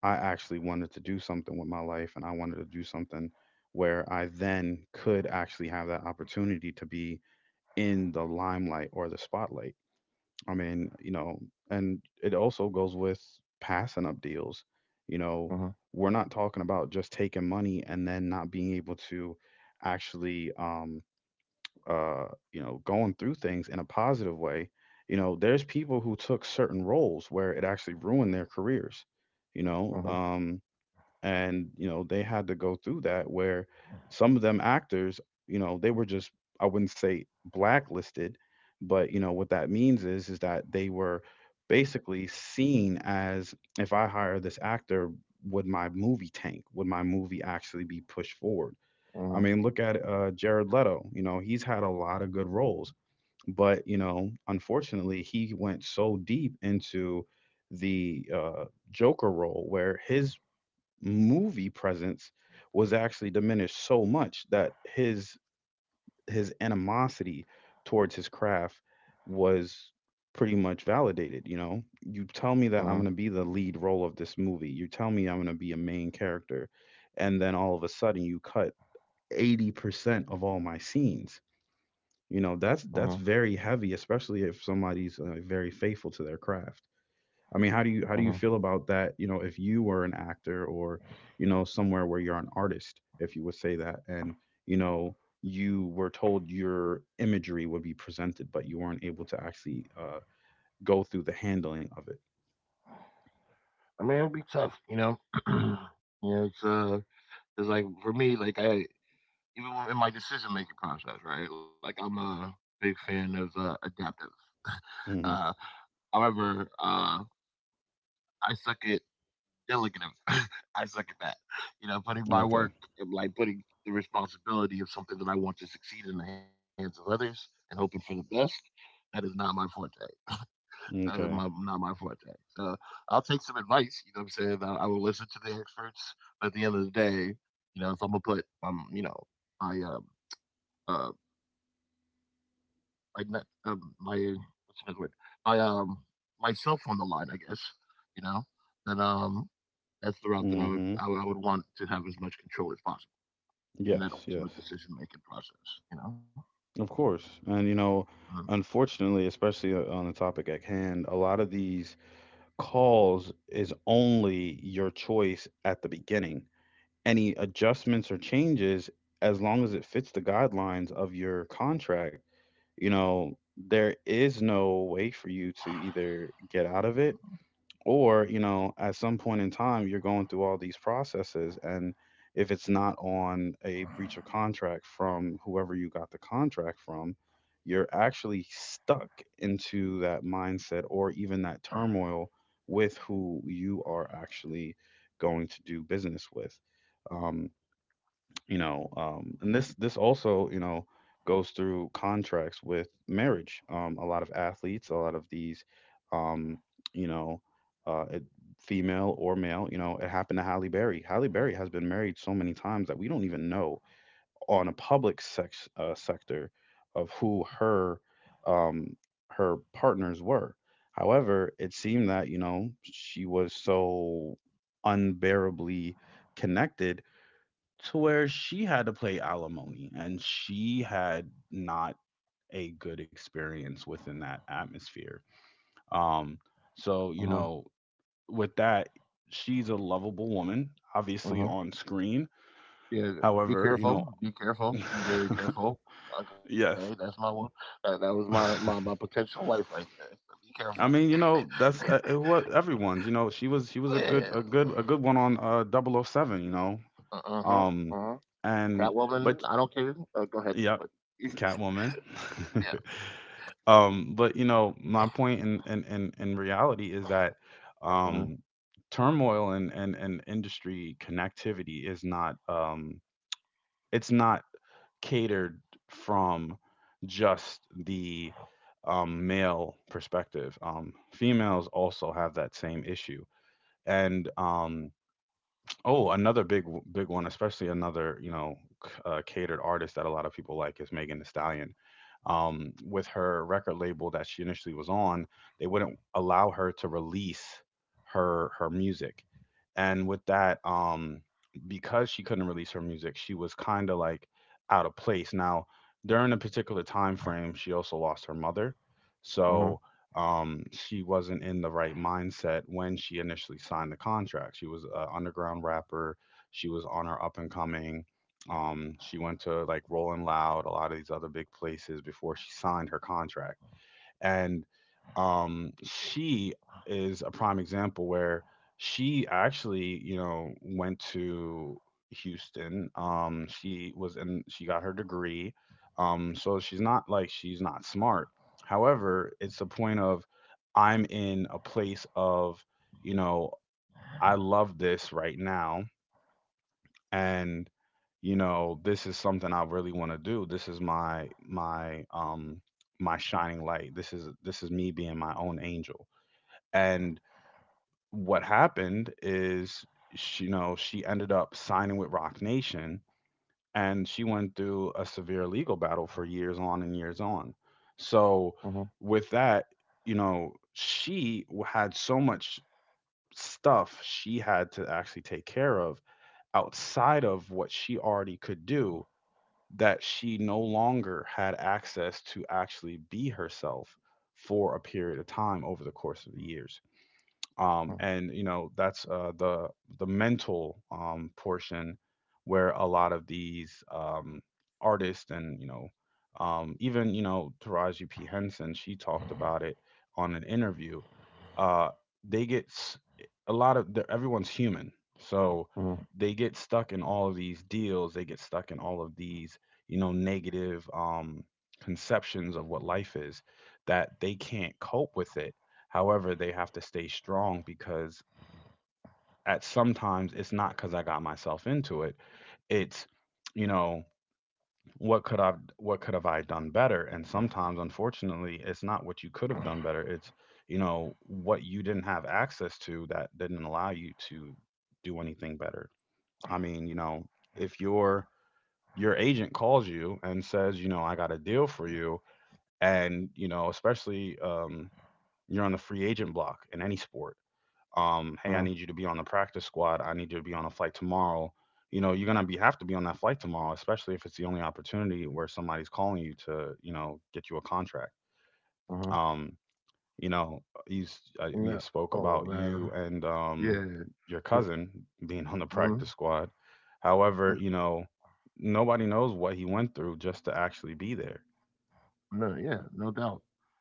[SPEAKER 1] I actually wanted to do something with my life and I wanted to do something where I then could actually have that opportunity to be in the limelight or the spotlight. I mean, you know, and it also goes with passing up deals. You know,
[SPEAKER 2] Uh-huh.
[SPEAKER 1] we're not talking about just taking money and then not being able to actually, uh, you know, going through things in a positive way. You know, there's people who took certain roles where it actually ruined their careers. You
[SPEAKER 2] Uh-huh. Uh-huh.
[SPEAKER 1] know, and you know they had to go through that where some of them actors, you know, they were just, I wouldn't say blacklisted, but you know what that means is that they were basically seen as, if I hire this actor, would my movie tank, would my movie actually be pushed forward? I
[SPEAKER 2] Uh-huh.
[SPEAKER 1] mean, look at Jared Leto. You know, he's had a lot of good roles, but you know unfortunately he went so deep into the Joker role where his movie presence was actually diminished so much that his animosity towards his craft was pretty much validated. You know, you tell me that I'm going to be the lead role of this movie, you tell me I'm going to be a main character, and then all of a sudden you cut 80% of all my scenes. You
[SPEAKER 2] Uh-huh.
[SPEAKER 1] know, that's very heavy, especially if somebody's very faithful to their craft. I mean, how
[SPEAKER 2] Uh-huh.
[SPEAKER 1] do you how do you feel about that? You know, if you were an actor, or you know somewhere where you're an artist, if you would say that, and you know you were told your imagery would be presented, but you weren't able to actually go through the handling of it.
[SPEAKER 2] I mean, it'll be tough, you know. You know, it's like for me, like I even in my decision making process, right? Like I'm a big fan of adaptive. Uh,
[SPEAKER 1] Hmm.
[SPEAKER 2] However, I suck at delegative. I suck at that. You know, putting my
[SPEAKER 1] Okay.
[SPEAKER 2] work, like putting the responsibility of something that I want to succeed in the hands of others and hoping for the best. That is not my forte. That is my,
[SPEAKER 1] Okay.
[SPEAKER 2] not my forte. So I'll take some advice. You know what I'm saying? I will listen to the experts. But at the end of the day, you know, if I'm gonna put, you know, my uh, my net my what's another word? My myself on the line, I guess. You know, then that's the route that
[SPEAKER 1] Hmm.
[SPEAKER 2] I would want to have as much control as possible in
[SPEAKER 1] Yes.
[SPEAKER 2] that
[SPEAKER 1] Yes.
[SPEAKER 2] ultimate decision making process. You know.
[SPEAKER 1] Of course. And you know, unfortunately, especially on the topic at hand, a lot of these cause is only your choice at the beginning. Any adjustments or changes, as long as it fits the guidelines of your contract, you know, there is no way for you to either get out of it, or you know at some point in time you're going through all these processes and if it's not on a breach of contract from whoever you got the contract from, you're actually stuck into that mindset or even that turmoil with who you are actually going to do business with. Um, you know and this also, you know, goes through contracts with marriage. A lot of athletes, a lot of these, um you know, it, female or male, you know, it happened to Halle Berry. Halle Berry has been married so many times that we don't even know, on a public sex sector, of who her um her partners were. However, it seemed that you know she was so unbearably connected to where she had to pay alimony and she had not a good experience within that atmosphere. Um, so, you
[SPEAKER 2] Mhm.
[SPEAKER 1] know, with that, she's a lovable woman,
[SPEAKER 2] Uh
[SPEAKER 1] obviously
[SPEAKER 2] huh.
[SPEAKER 1] on screen.
[SPEAKER 2] Yeah. Be
[SPEAKER 1] However, you
[SPEAKER 2] careful.
[SPEAKER 1] know,
[SPEAKER 2] Be careful. Be very careful. Okay, that's my
[SPEAKER 1] yes.
[SPEAKER 2] one. That was my, my potential wife right there. So be careful.
[SPEAKER 1] I mean, you know, that's what everyone's, you know, she was a
[SPEAKER 2] Yeah.
[SPEAKER 1] good a good a good one on double oh 007, you know.
[SPEAKER 2] Uh huh. Uh
[SPEAKER 1] Um
[SPEAKER 2] huh.
[SPEAKER 1] and
[SPEAKER 2] Catwoman.
[SPEAKER 1] but
[SPEAKER 2] I don't care. Go ahead.
[SPEAKER 1] yeah,
[SPEAKER 2] But
[SPEAKER 1] Catwoman.
[SPEAKER 2] yeah.
[SPEAKER 1] But you know, my point in in reality is that
[SPEAKER 2] Uh
[SPEAKER 1] um, turmoil and industry connectivity is not it's not catered from just the male perspective. Females also have that same issue, and oh, another big one, especially another you know catered artist that a lot of people like is Megan Thee Stallion, with her record label that she initially was on, they wouldn't allow her to release her music. And with that, because she couldn't release her music, she was kind of like out of place. Now, during a particular time frame, she also lost her mother,
[SPEAKER 2] huh.
[SPEAKER 1] so she wasn't in the right mindset when she initially signed the contract. She was an underground rapper. She was on her up and coming. She went to like Rolling Loud, a lot of these other big places before she signed her contract. And she is a prime example where she actually, you know, went to Houston. She was in, she got her degree. So she's not, like, she's not smart. However, it's a point of I'm in a place of, you know, I love this right now and you know this is something I really want to do. This is my my shining light. This is me being my own angel. And what happened is she, you know she ended up signing with Rock Nation, and she went through a severe legal battle for years on and years on. So
[SPEAKER 2] Mhm,
[SPEAKER 1] with that, you know she had so much stuff she had to actually take care of outside of what she already could do, that she no longer had access to actually be herself for a period of time over the course of the years.
[SPEAKER 2] mhm,
[SPEAKER 1] And you know that's the mental portion where a lot of these artists and you know even, you know, Taraji P Henson, she talked about it on an interview. uh, they a lot of everyone's human, so
[SPEAKER 2] mhm,
[SPEAKER 1] they get stuck in all of these deals, they get stuck in all of these, you know, negative conceptions of what life is, that they can't cope with it. However, they have to stay strong, because at sometimes it's not because I got myself into it. It's, you know, what could I, what could have I done better? And sometimes, unfortunately, it's not what you could have done better. It's, you know, what you didn't have access to that didn't allow you to do anything better. I mean, you know, if your your agent calls you and says, you know, I got a deal for you, and you know, especially you're on the free agent block in any sport, hey, I
[SPEAKER 2] mhm,
[SPEAKER 1] need you to be on the practice squad. I need you to be on a flight tomorrow. You know, you're gonna be have to be on that flight tomorrow, especially if it's the only opportunity where somebody's calling you to, you know, get you a contract.
[SPEAKER 2] mhm.
[SPEAKER 1] Um, you know, he's we
[SPEAKER 2] No.
[SPEAKER 1] spoke
[SPEAKER 2] Oh
[SPEAKER 1] about you
[SPEAKER 2] man,
[SPEAKER 1] and
[SPEAKER 2] yeah,
[SPEAKER 1] your
[SPEAKER 2] The-
[SPEAKER 1] cousin being on the practice
[SPEAKER 2] mhm.
[SPEAKER 1] squad. However,
[SPEAKER 2] Uh,
[SPEAKER 1] you know, nobody knows what he went through just to actually be there.
[SPEAKER 2] no, yeah, no doubt,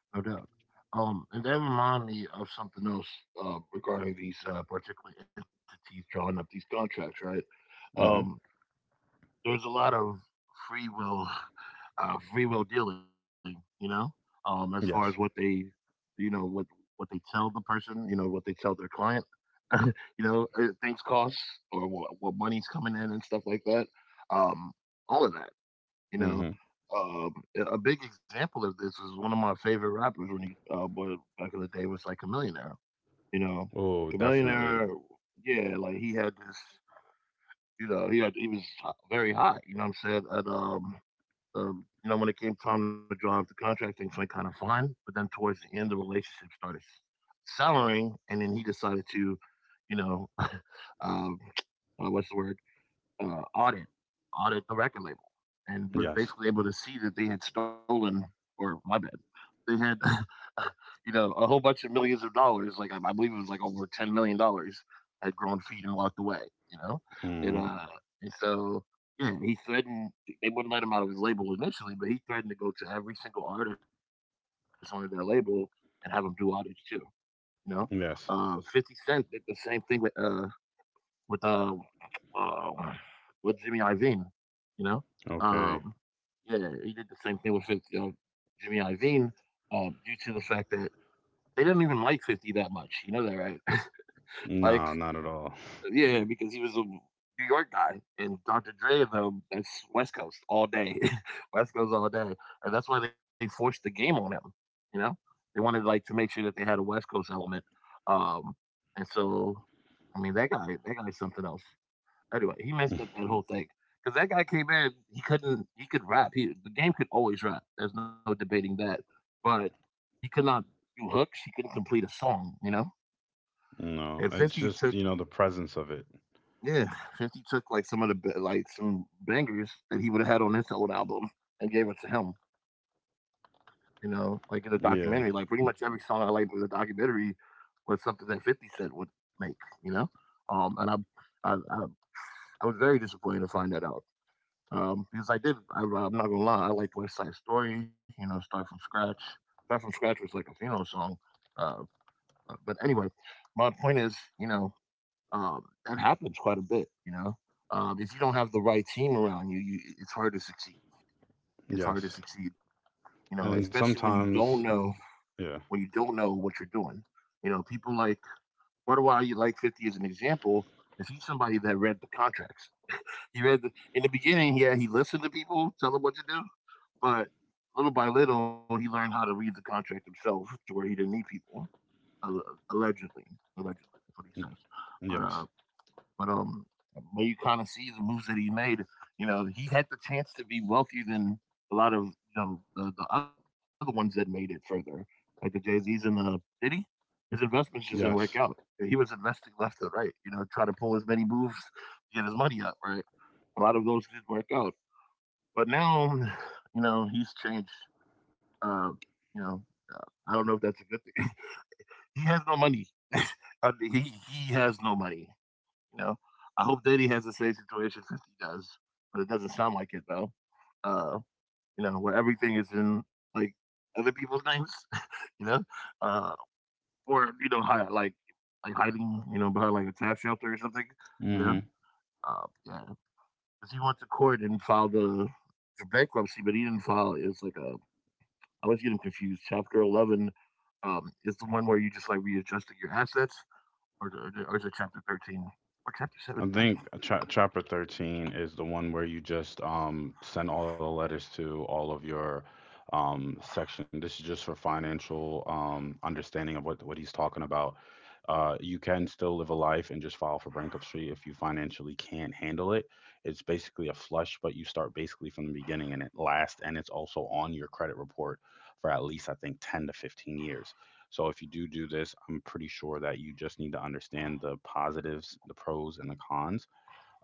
[SPEAKER 2] no doubt. And that remind me of something else regarding these particular entities drawing up these contracts, right? Um,
[SPEAKER 1] Hmm.
[SPEAKER 2] there's a lot of free will, free will dealing, you know, as far as what they,
[SPEAKER 1] Yes.
[SPEAKER 2] you know, what they tell the person, you know, what they tell their client you know, things cost or what money's coming in and stuff like that. Um, all of that, you know.
[SPEAKER 1] Hmm.
[SPEAKER 2] Um, a big example of this is one of my favorite rappers when he was back in the day was like Chameleon Air. You know,
[SPEAKER 1] Oh,
[SPEAKER 2] Chameleon
[SPEAKER 1] definitely.
[SPEAKER 2] Air, yeah, like he had this, you know, he was very hot. You know what I'm saying? At You know, when it came time to draw up the contract, things went kind of fine. But then towards the end, the relationship started souring, and then he decided to you know, um, what's the word? Uh, audit, audit the record label, and was
[SPEAKER 1] Yes.
[SPEAKER 2] basically able to see that they had stolen, or my bad, they had, you know, a whole bunch of millions of dollars. Like I believe it was like over $10 million had grown feet and walked away. You know, and
[SPEAKER 1] Hmm.
[SPEAKER 2] uh, and so yeah, he threatened. They wouldn't let him out of his label initially, but he threatened to go to every single artist on their label and have them do audits too. You know, Fifty
[SPEAKER 1] Yes.
[SPEAKER 2] Cent did the same thing with um um, with Jimmy Iovine, you know. Um,
[SPEAKER 1] Okay.
[SPEAKER 2] yeah, he did the same thing with 50, Jimmy Iovine due to the fact that they didn't even like 50 that much. You know that, right?
[SPEAKER 1] No,
[SPEAKER 2] Like,
[SPEAKER 1] not at all.
[SPEAKER 2] yeah, because he was a New York guy, and Dr. Dre and them, that's West Coast all day, West Coast all day, and that's why they forced the game on him. You know, they wanted like to make sure that they had a West Coast element. Um, and so, I mean, that guy's something else. Anyway, he messed up that whole thing because that guy came in. He couldn't. He could rap. He The game could always rap. There's no debating that. But he could not do hooks. He couldn't complete a song. You know.
[SPEAKER 1] No,
[SPEAKER 2] And
[SPEAKER 1] it's just, you know, the presence of it.
[SPEAKER 2] Yeah, 50 took like some of the like some bangers that he would have had on his old album and gave it to him. You know, like in the documentary, like pretty
[SPEAKER 1] Yeah.
[SPEAKER 2] much every song I liked with the documentary was something that 50 Cent would make. You know, and I, I, I was very disappointed to find that out. Um, because I did. I, well, I'm not gonna lie, I liked West Side Story. You know, start from scratch. Start from scratch was like a funeral song. Uh, but anyway, my point is, you know, um, that happens quite a bit. You know, if you don't have the right team around you, it's hard to succeed. It's hard to
[SPEAKER 1] Yes.
[SPEAKER 2] succeed. You know, especially
[SPEAKER 1] And sometimes,
[SPEAKER 2] when
[SPEAKER 1] yeah.
[SPEAKER 2] you don't know what you're doing. You know, people like Butterwhy, you like 50 as an example. Is he somebody that read the contracts? He read in the beginning, yeah, he listened to people, tell them what to do. But little by little, he learned how to read the contract himself to where he didn't need people. Uh, allegedly, Allegedly, that's what he says.
[SPEAKER 1] Yes.
[SPEAKER 2] But uh,
[SPEAKER 1] Yes.
[SPEAKER 2] but um, but you kind of see the moves that he made. You know, he had the chance to be wealthier than a lot of you know the other ones that made it further, like the Jay Z's and the Diddy. His investments just didn't work out.
[SPEAKER 1] Yes.
[SPEAKER 2] He was investing left and right. You know, try to pull as many moves to get his money up. Right, a lot of those didn't work out. But now, you know, he's changed. Uh, you know, I don't know if that's a good thing. He has no money. I mean, he has no money. You know, I hope that he has the same situation as he does, but it doesn't sound like it though. Uh, you know, where everything is in like other people's names. You know, uh, or you know, hi, like hiding, you know, behind like a tax shelter or something. You know,
[SPEAKER 1] Mhm.
[SPEAKER 2] yeah, 'cause he went to court and filed the bankruptcy, but he didn't file it was like a I was getting confused. Chapter 11, is the one where you just, like, readjusting your assets, or is it chapter 13 or chapter 7?
[SPEAKER 1] I
[SPEAKER 2] I
[SPEAKER 1] think
[SPEAKER 2] can't.
[SPEAKER 1] chapter 13 is the one where you just send all the letters to all of your section. This is just for financial understanding of what he's talking about. You can still live a life and just file for bankruptcy if you financially can't handle it. It's basically a flush, but you start basically from the beginning and it lasts, and it's also on your credit report for at least, I think, 10 to 15 years. So if you do this, I'm pretty sure that you just need to understand the positives, the pros, and the cons,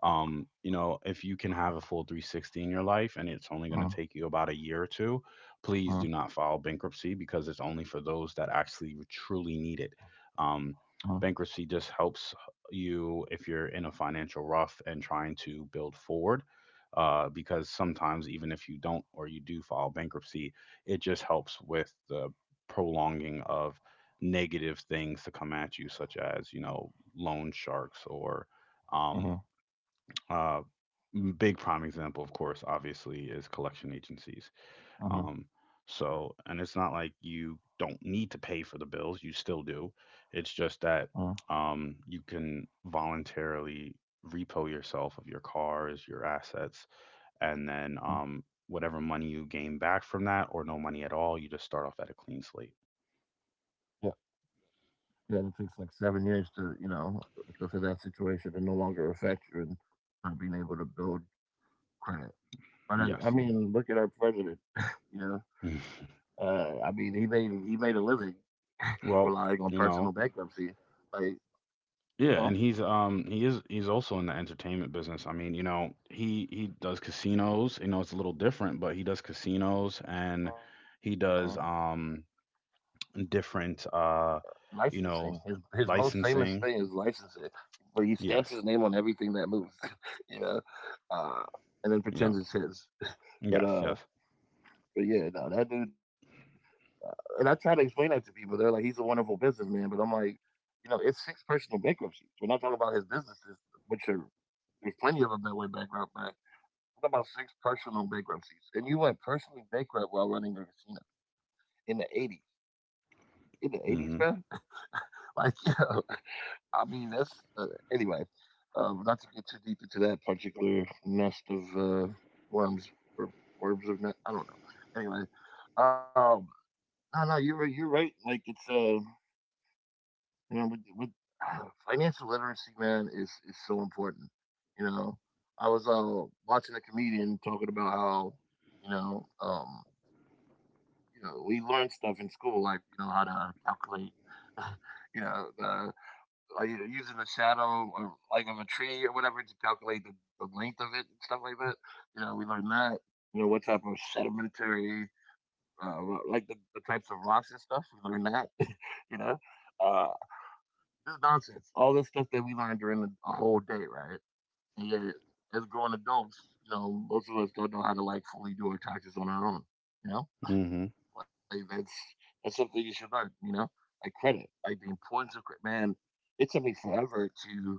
[SPEAKER 1] if you can have a full 360 in your life and it's only going to
[SPEAKER 2] Mhm.
[SPEAKER 1] take you about a year or two. Please
[SPEAKER 2] Uh
[SPEAKER 1] do not file bankruptcy because it's only for those that actually truly need it. um
[SPEAKER 2] mhm.
[SPEAKER 1] Bankruptcy just helps you if you're in a financial rough and trying to build forward, because sometimes even if you don't or you do file bankruptcy, it just helps with the prolonging of negative things to come at you, such as, loan sharks, or
[SPEAKER 2] Uh
[SPEAKER 1] um, uh, big prime example, of course, obviously, is collection agencies.
[SPEAKER 2] mhm.
[SPEAKER 1] Um, so, and it's not like you don't need to pay for the bills, you still do. It's just
[SPEAKER 2] Uh
[SPEAKER 1] that, you can voluntarily repo yourself of your cars, your assets, and then,
[SPEAKER 2] mhm.
[SPEAKER 1] whatever money you gain back from that, or no money at all, you just start off at a clean slate.
[SPEAKER 2] Yeah, yeah, it takes, like, 7 years to, you know, to for that situation to no longer affect you and not being able to build credit. But I
[SPEAKER 1] Yes.
[SPEAKER 2] mean, look at our president, you know? I mean, he made a living
[SPEAKER 1] Well,
[SPEAKER 2] relying on
[SPEAKER 1] you
[SPEAKER 2] personal
[SPEAKER 1] know,
[SPEAKER 2] bankruptcy. Like,
[SPEAKER 1] yeah,
[SPEAKER 2] oh,
[SPEAKER 1] and he's he is he's also in the entertainment business. I mean, he does casinos. It's a little different, but he does casinos, and
[SPEAKER 2] uh-huh.
[SPEAKER 1] he does, different,
[SPEAKER 2] Licensing.
[SPEAKER 1] you know
[SPEAKER 2] His most famous thing is
[SPEAKER 1] licensing.
[SPEAKER 2] licensing, but he stamps his name on
[SPEAKER 1] Yes.
[SPEAKER 2] everything that moves, you know, uh, and then
[SPEAKER 1] You know.
[SPEAKER 2] pretends it's his.
[SPEAKER 1] Yes.
[SPEAKER 2] But
[SPEAKER 1] Yes.
[SPEAKER 2] uh, but yeah, no, that dude. Uh, and I try to explain that to people. They're like, he's a wonderful businessman, but I'm like, you know, it's six personal bankruptcies. We're not talking about his businesses, which are there's plenty of them that went bankrupt. Back. What about six personal bankruptcies? And you went personally bankrupt while running a casino in the '80s. In the '80s, man?
[SPEAKER 1] Mhm.
[SPEAKER 2] Like, you know, I mean, that's uh, anyway. Not to get too deep into that particular nest of worms or worms of net. I don't know. Anyway, um, no, no, you're right, you're right. Like it's you know, with financial literacy, man, is so important. You know, I was watching a comedian talking about how you know um you know we learn stuff in school like you know how to calculate you know the are using the shadow or like of a tree or whatever to calculate the length of it and stuff like that? You know, we learned that. You know, what type of sedimentary, uh, like the types of rocks and stuff. We learned that. You know, uh, this nonsense. All this stuff that we learned during a whole day, right? And yet, as grown adults, you know, most of us don't know how to like fully do our taxes on our own. You know,
[SPEAKER 1] Mhm.
[SPEAKER 2] like that's something you should learn. You know, like credit, like the importance of credit. Man, it took me forever to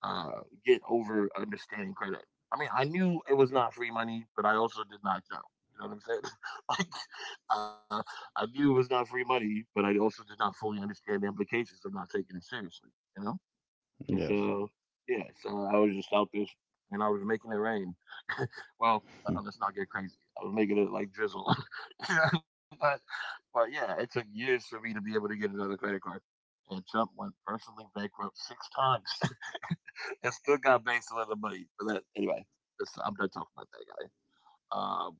[SPEAKER 2] uh, get over understanding credit. I mean, I knew it was not free money, but I also did not know. You know what I'm saying? Like, uh, I knew it was not free money, but I also did not fully understand the implications of not taking it seriously. You know, and
[SPEAKER 1] Yes.
[SPEAKER 2] so yeah, so I was just out there, and I was making it rain. Well,
[SPEAKER 1] Hmm.
[SPEAKER 2] let's not get crazy. I was making it like drizzle, you know, but yeah, it took years for me to be able to get another credit card. And Trump went personally bankrupt six times. And still got banks a lot of money. But that, anyway, that's, I'm done talking about that guy. Um,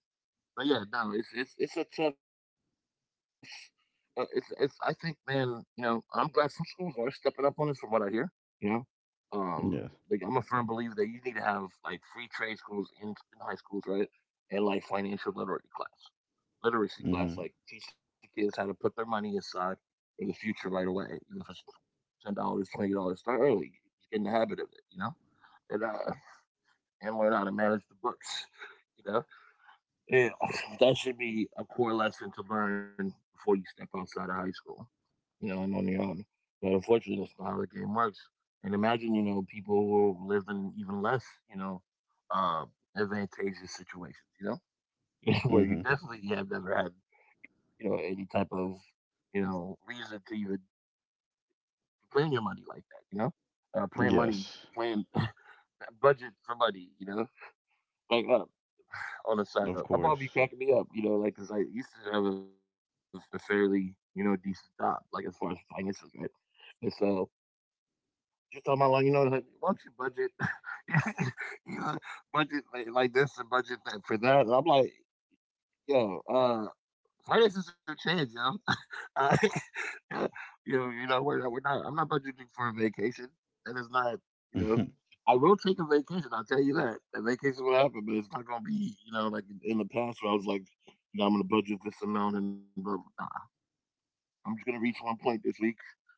[SPEAKER 2] but yeah, no, it's a tough. It's it's. I think, man, you know, I'm glad some schools are stepping up on this, from what I hear. You know, um, like
[SPEAKER 1] Yes.
[SPEAKER 2] I'm a firm believer that you need to have like free trade schools in high schools, right? And like financial literacy class,
[SPEAKER 1] Mhm.
[SPEAKER 2] like teach the kids how to put their money aside for the future right away, even if it's $10, $20. Start early, get in the habit of it. And uh, and learn how to manage the books. You know, and that should be a core lesson to learn before you step outside of high school. And on your own. But unfortunately, that's not how the game works. And imagine, people who live in even less, you know, uh, advantageous situations. Where you
[SPEAKER 1] Mhm.
[SPEAKER 2] definitely have never had, any type of, reason to even plan your money like that. Plan money,
[SPEAKER 1] Yes.
[SPEAKER 2] plan budget for money. Like on a side
[SPEAKER 1] Of
[SPEAKER 2] note, my mom be
[SPEAKER 1] course.
[SPEAKER 2] cracking me up, like, cause I used to have a fairly, decent job, like as far as finances, right? And so just on my line, like, why don't you budget, you know, budget like this and budget that for that? And I'm like, yo, artists are trans, yo. I, we're not. I'm not budgeting for a vacation. That is not, you know.
[SPEAKER 1] Mhm.
[SPEAKER 2] I will take a vacation. I'll tell you that. A vacation will happen, but it's not going to be, like in the past where I was like, I'm going to budget this amount and blah, blah, blah. I'm just going to reach one point this week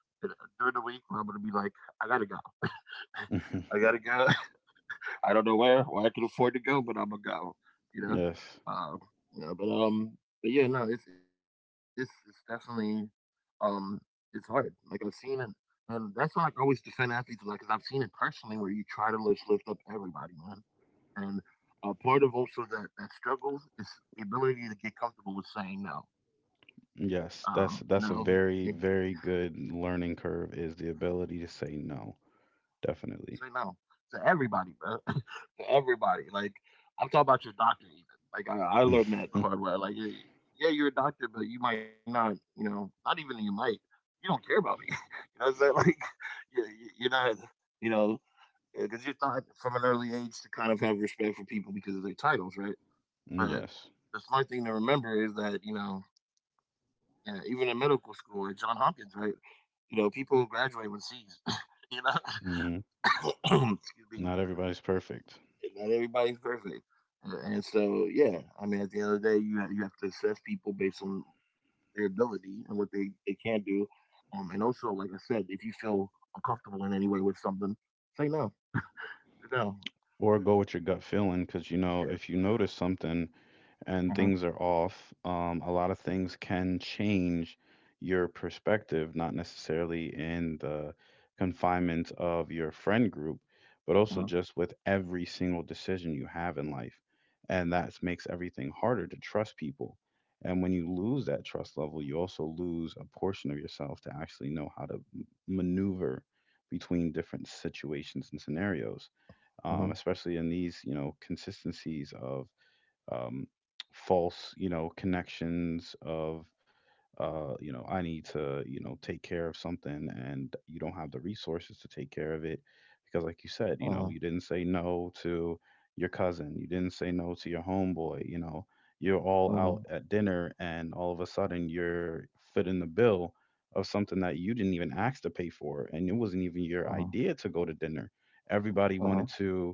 [SPEAKER 2] and during the week where I'm going to be like, I got to go.
[SPEAKER 1] Mhm.
[SPEAKER 2] I got to go. I don't know where I can afford to go, but I'm gonna go. You know,
[SPEAKER 1] Yes.
[SPEAKER 2] um, you know, but um, but yeah, no, it's definitely. um, it's hard. Like I've seen it, and that's why I always defend athletes a lot because I've seen it personally where you try to lift up everybody, man. And part of also that struggle is the ability to get comfortable with saying no. Um,
[SPEAKER 1] Yes. That's
[SPEAKER 2] no,
[SPEAKER 1] a very, very good learning curve, is the ability to say no.
[SPEAKER 2] say no
[SPEAKER 1] Definitely.
[SPEAKER 2] to everybody, bro. To everybody. Like I'm talking about your doctor, even. Like I learned that the hard way. Like yeah, yeah, you're a doctor, but you might not. Not even you might. You don't care about me. You know what I'm saying? Like you, are not. You know, because you're taught from an early age to kind of have respect for people because of their titles, right? But
[SPEAKER 1] Yes.
[SPEAKER 2] the smart thing to remember is that, yeah, even in medical school at John Hopkins, right? You know, people graduate with C's. you know,
[SPEAKER 1] Hmm.
[SPEAKER 2] excuse me.
[SPEAKER 1] Not everybody's perfect.
[SPEAKER 2] And not everybody's perfect. And so, yeah, I mean, at the end of the day, you have to assess people based on their ability and what they can do. And also, like I said, if you feel uncomfortable in any way with something, say no. Say no.
[SPEAKER 1] Or go with your gut feeling because, if you
[SPEAKER 2] Yeah.
[SPEAKER 1] notice something, and things
[SPEAKER 2] Uh
[SPEAKER 1] are
[SPEAKER 2] huh.
[SPEAKER 1] off, a lot of things can change your perspective, not necessarily in the confinement of your friend group, but also
[SPEAKER 2] Uh
[SPEAKER 1] just
[SPEAKER 2] huh.
[SPEAKER 1] with every single decision you have in life. And that makes everything harder to trust people. And when you lose that trust level, you also lose a portion of yourself to actually know how to maneuver between different situations and scenarios,
[SPEAKER 2] Uh huh.
[SPEAKER 1] especially in these, consistencies of, um, false, connections of, I need to, take care of something, and you don't have the resources to take care of it. Because, like you said,
[SPEAKER 2] Uh
[SPEAKER 1] you didn't say no to your cousin, you didn't say no to your homeboy, you know, you're all
[SPEAKER 2] huh.
[SPEAKER 1] out at dinner and all of a sudden you're footing the bill of something that you didn't even ask to pay for, and it wasn't even your
[SPEAKER 2] Uh huh.
[SPEAKER 1] idea to go to dinner. Everybody
[SPEAKER 2] Uh huh.
[SPEAKER 1] wanted to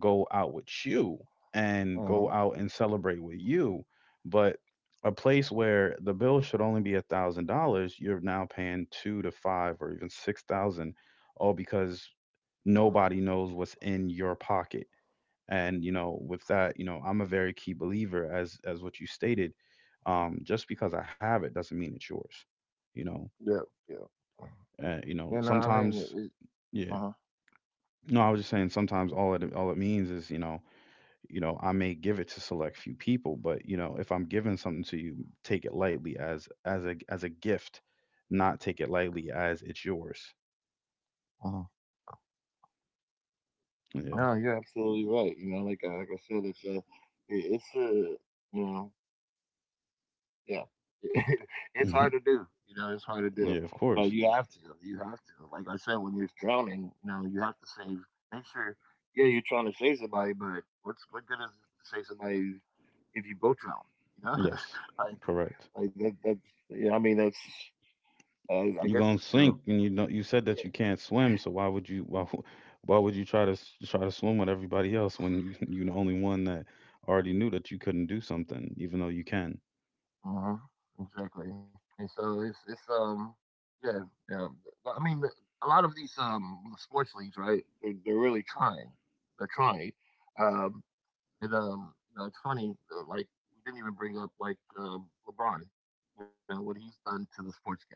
[SPEAKER 1] go out with you and go
[SPEAKER 2] Uh-huh.
[SPEAKER 1] out and celebrate with you. But a place where the bill should only be $1,000, you're now paying two to five or even 6,000, all because nobody knows what's in your pocket. And you know, with that, I'm a very key believer, as what you stated. Just because I have it doesn't mean it's yours. You know,
[SPEAKER 2] Yeah. Yeah.
[SPEAKER 1] uh, you know,
[SPEAKER 2] You know what I mean?
[SPEAKER 1] sometimes, yeah.
[SPEAKER 2] Uh-huh.
[SPEAKER 1] No, I was just saying, sometimes all it means is, I may give it to select few people, but if I'm giving something to you, take it lightly as, as a gift, not take it lightly as it's yours.
[SPEAKER 2] Uh-huh.
[SPEAKER 1] Yeah.
[SPEAKER 2] No, you're absolutely right. Like I said, it's a, you know, yeah. It's
[SPEAKER 1] Mhm.
[SPEAKER 2] hard to do. It's hard to do.
[SPEAKER 1] Yeah, of
[SPEAKER 2] But
[SPEAKER 1] course.
[SPEAKER 2] you have to. You have to. Like I said, when you're drowning, you have to save. Make sure, yeah, you're trying to save somebody, but what good is it to save somebody if you both drown? You know,
[SPEAKER 1] Yes.
[SPEAKER 2] like,
[SPEAKER 1] Correct.
[SPEAKER 2] like that. That's yeah. I mean, that's. I
[SPEAKER 1] You're
[SPEAKER 2] guess
[SPEAKER 1] gonna
[SPEAKER 2] you
[SPEAKER 1] sink,
[SPEAKER 2] know.
[SPEAKER 1] and you know you said that
[SPEAKER 2] Yeah.
[SPEAKER 1] you can't swim, so why would you? Why, why would you try to try to swim with everybody else when you, you're the only one that already knew that you couldn't do something, even though you can.
[SPEAKER 2] uh Exactly. And so it's yeah, yeah. But, I mean, a lot of these sports leagues, right? They're really trying. They're trying. Um, And, it's funny, like, we didn't even bring up, like, LeBron, what he's done to the sports game,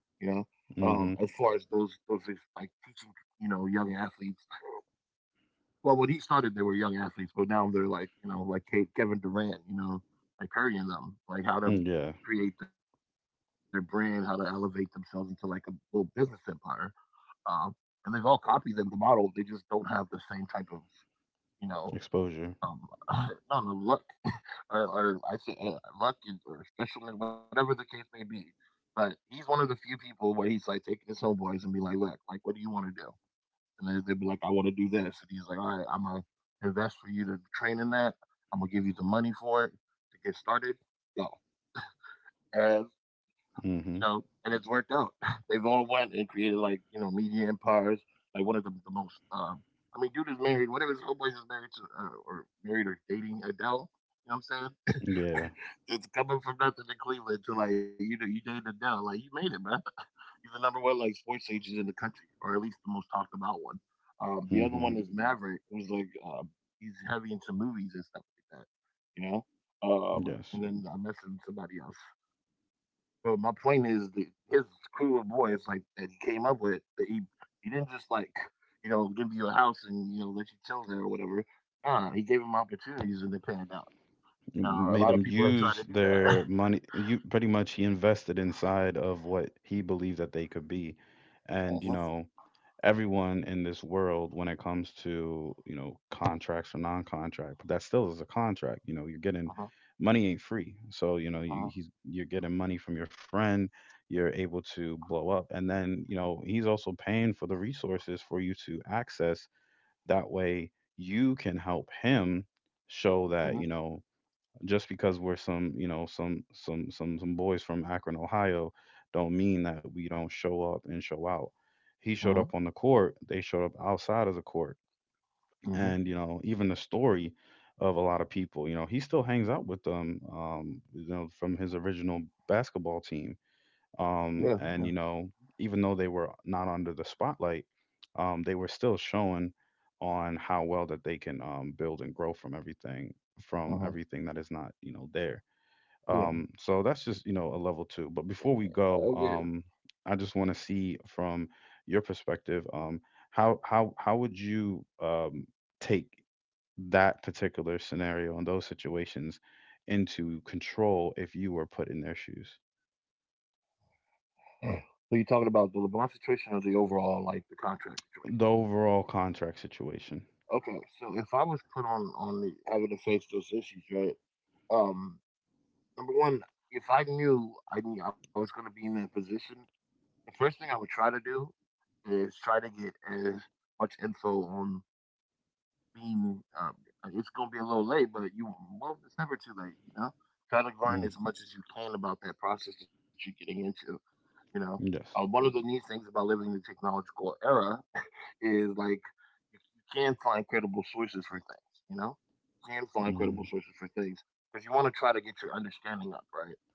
[SPEAKER 2] you know, as
[SPEAKER 1] Mm-hmm.
[SPEAKER 2] far as like, teaching, young athletes. Well, when he started, they were young athletes, but now they're like, like Kevin Durant, like Curry and them, like how to
[SPEAKER 1] Mm, yeah.
[SPEAKER 2] create their brand, how to elevate themselves into, like, a little business empire. Um, and they've all copied them, the model. They just don't have the same type of, you know, um,
[SPEAKER 1] Exposure.
[SPEAKER 2] I don't know, luck or I say, luck is or specialness, whatever the case may be. But he's one of the few people where he's like taking his homeboys and be like, look, like, what do you want to do? And then they'd be like, I want to do this. And he's like, all right, I'm going to invest for you to train in that. I'm going to give you the money for it to get started. Go. And you know,
[SPEAKER 1] Mm-hmm.
[SPEAKER 2] and it's worked out. They've all went and created like media empires. Like one of the most, I mean, dude is married. One of his homeboys is married to, or married or dating Adele. You know what I'm saying?
[SPEAKER 1] Yeah.
[SPEAKER 2] It's coming from nothing in Cleveland to like you dated Adele. Like you made it, man. He's the number one like sports agent in the country, or at least the most talked about one. The other
[SPEAKER 1] Mm-hmm.
[SPEAKER 2] one is Maverick, who's like he's heavy into movies and stuff like that. You know. Um,
[SPEAKER 1] Yes.
[SPEAKER 2] and then I mentioned somebody else. So my point is that his crew of boys, like that he came up with, that he didn't just like give you a house and let you chill there or whatever. Nah, he gave him opportunities and they panned out.
[SPEAKER 1] Made
[SPEAKER 2] Now a
[SPEAKER 1] him
[SPEAKER 2] lot of people have
[SPEAKER 1] use
[SPEAKER 2] tried to do
[SPEAKER 1] their
[SPEAKER 2] that.
[SPEAKER 1] money. You pretty much, he invested inside of what he believed that they could be, and you
[SPEAKER 2] Uh-huh.
[SPEAKER 1] know, everyone in this world, when it comes to, you know, contracts or non-contract, but that still is a contract. You know, you're getting
[SPEAKER 2] Uh-huh.
[SPEAKER 1] money. Ain't free, so you know,
[SPEAKER 2] Uh-huh.
[SPEAKER 1] you're getting money from your friend. You're able to blow up, and then you know, he's also paying for the resources for you to access. That way you can help him show that, you
[SPEAKER 2] Mhm,
[SPEAKER 1] know, just because we're some, you know, some boys from Akron, Ohio, don't mean that we don't show up and show out. He showed up
[SPEAKER 2] mhm,
[SPEAKER 1] on the court. They showed up outside of the court,
[SPEAKER 2] mhm.
[SPEAKER 1] and you know, even the story of a lot of people. You know, he still hangs out with them. You know, from his original basketball team.
[SPEAKER 2] Yeah.
[SPEAKER 1] Um,
[SPEAKER 2] Yeah.
[SPEAKER 1] and you know, even though they were not under the spotlight, they were still showing on how well that they can, build and grow from everything,
[SPEAKER 2] Uh-huh.
[SPEAKER 1] that is not, you know, there.
[SPEAKER 2] Yeah.
[SPEAKER 1] So that's just, you know, a level two. But before we
[SPEAKER 2] Oh
[SPEAKER 1] go,
[SPEAKER 2] yeah.
[SPEAKER 1] I just want to see from your perspective, how would you, take that particular scenario and those situations into control, if you were put in their shoes?
[SPEAKER 2] So you're talking about the LeBron situation or the overall like the contract situation?
[SPEAKER 1] The overall contract situation.
[SPEAKER 2] Okay, so if I was put on the having to face those issues, right? Um, number one, if I knew I was going to be in that position, the first thing I would try to do is try to get as much info on being. It's going to be a little late, but you well, it's never too late. Try to learn
[SPEAKER 1] Mm,
[SPEAKER 2] as much as you can about that process that you're getting into. You know,
[SPEAKER 1] yes.
[SPEAKER 2] One of the neat things about living in the technological era is like you can find credible sources for things, you know? You can find
[SPEAKER 1] Mm,
[SPEAKER 2] credible sources for things because you want to try to get your understanding up, right?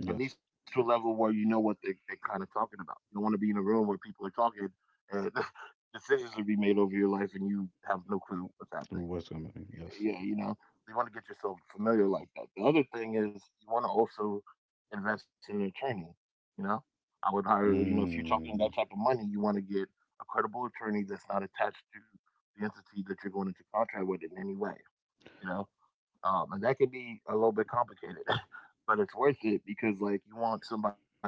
[SPEAKER 2] At least to a level where you know what they're kind of talking about. You don't want to be in a room where people are talking and decisions are being made over your life and you have no clue what's happening.
[SPEAKER 1] What's coming? Yes.
[SPEAKER 2] Yeah, you want to get yourself familiar like that. The other thing is you want to also invest in your attorney. You know, I would hire, if you're talking that
[SPEAKER 1] Mm,
[SPEAKER 2] type of money, you want to get a credible attorney that's not attached to the entity that you're going into contract with in any way. You know, and that can be a little bit complicated, but it's worth it because like you want somebody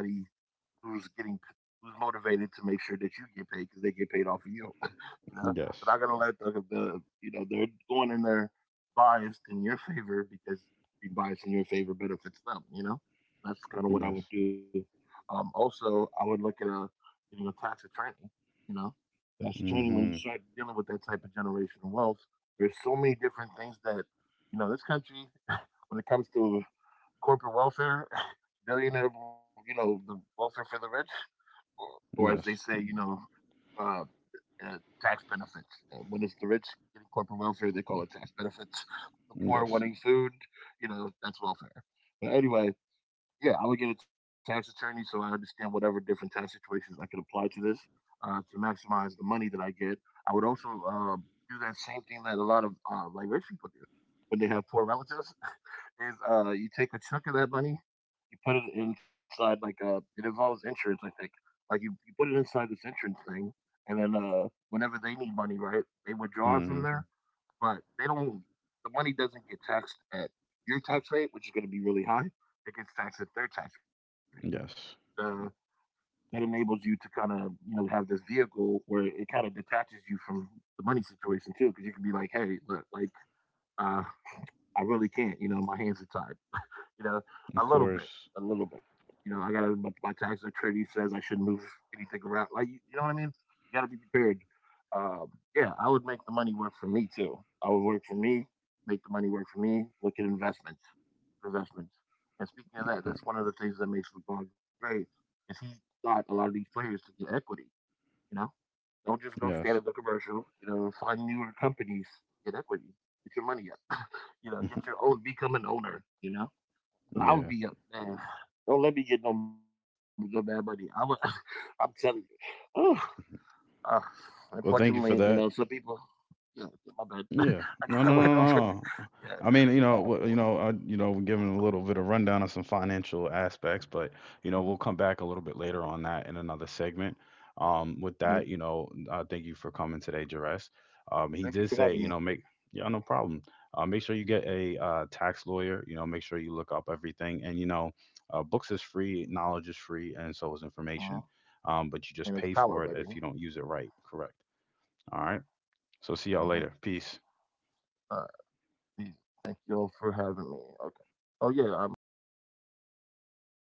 [SPEAKER 2] who's getting who's motivated to make sure that you get paid because they get paid off of you you know. But I
[SPEAKER 1] yes.
[SPEAKER 2] gotta let they're going in there biased in your favor because being biased in your favor benefits them. That's kind of what I
[SPEAKER 1] Yes.
[SPEAKER 2] would do. Also, I would look at a getting a tax attorney. You know, Tax attorney when you
[SPEAKER 1] Mm-hmm.
[SPEAKER 2] start dealing with that type of generational wealth, there's so many different things that this country when it comes to corporate welfare, billionaire, the welfare for the rich, or as they say,
[SPEAKER 1] Yes.
[SPEAKER 2] uh, uh, tax benefits. And when it's the rich getting corporate welfare, they call it tax benefits. The poor
[SPEAKER 1] Yes.
[SPEAKER 2] wanting food, that's welfare. But anyway, yeah, I would get a tax attorney so I understand whatever different tax situations I could apply to this to maximize the money that I get. I would also do that same thing that a lot of like rich people do when they have poor relatives is you take a chunk of that money, you put it inside like a it involves insurance, I think. Like you put it inside this insurance thing, and then whenever they need money, right, they withdraw it from
[SPEAKER 1] Mm-hmm.
[SPEAKER 2] there, but they don't. The money doesn't get taxed at your tax rate, which is going to be really high. It gets taxed at their tax rate.
[SPEAKER 1] Yes.
[SPEAKER 2] So that enables you to kind of have this vehicle where it kind of detaches you from the money situation too, because you can be like, hey, look, like uh, I really can't. My hands are tied, you know, a
[SPEAKER 1] Of
[SPEAKER 2] little bit,
[SPEAKER 1] course.
[SPEAKER 2] a little bit. I got to my tax attorney says I shouldn't move anything around. Like, you know what I mean? You got to be prepared. Um, yeah, I would make the money work for me too. I would work for me, make the money work for me. Look at investments, investments. And speaking of that,
[SPEAKER 1] Huh.
[SPEAKER 2] that's one of the things that makes LeBron great is he got a lot of these players to get equity. You know, don't just go stand at
[SPEAKER 1] Yes.
[SPEAKER 2] the commercial. You know, find newer companies get equity. Get your money up. You know, get your own, become an owner. You know, I would
[SPEAKER 1] Yeah.
[SPEAKER 2] be up, man. Don't let me get no, no bad money. I would, I'm telling you. Ooh, uh, unfortunately,
[SPEAKER 1] Well,
[SPEAKER 2] you
[SPEAKER 1] thank
[SPEAKER 2] know,
[SPEAKER 1] you
[SPEAKER 2] some
[SPEAKER 1] for
[SPEAKER 2] people.
[SPEAKER 1] that.
[SPEAKER 2] Yeah, yeah, my bad. I
[SPEAKER 1] Yeah.
[SPEAKER 2] gotta wait
[SPEAKER 1] No, no,
[SPEAKER 2] over.
[SPEAKER 1] no, no,
[SPEAKER 2] Yeah.
[SPEAKER 1] no. I mean,
[SPEAKER 2] Uh,
[SPEAKER 1] you know, you know, you know, we're giving a little bit of rundown on some financial aspects, but you know,
[SPEAKER 2] mhm,
[SPEAKER 1] we'll come back a little bit later on that in another segment. With
[SPEAKER 2] mhm.
[SPEAKER 1] that, you know, thank you for coming today, Jerez. He
[SPEAKER 2] Thank you
[SPEAKER 1] did
[SPEAKER 2] for
[SPEAKER 1] say,
[SPEAKER 2] having
[SPEAKER 1] you
[SPEAKER 2] me.
[SPEAKER 1] know, make, yeah, no problem. Make sure you get a, tax lawyer. You know, make sure you look up everything, and you know, books is free, knowledge is free, and so is
[SPEAKER 2] Uh-huh.
[SPEAKER 1] information. But
[SPEAKER 2] And
[SPEAKER 1] you
[SPEAKER 2] it's
[SPEAKER 1] just pay
[SPEAKER 2] power,
[SPEAKER 1] for
[SPEAKER 2] baby.
[SPEAKER 1] it if you don't use it right. Correct. All right. So see y'all
[SPEAKER 2] Uh-huh.
[SPEAKER 1] later. Peace.
[SPEAKER 2] Uh, yeah. Thank you all for having me. Okay. Oh yeah, I thought I was.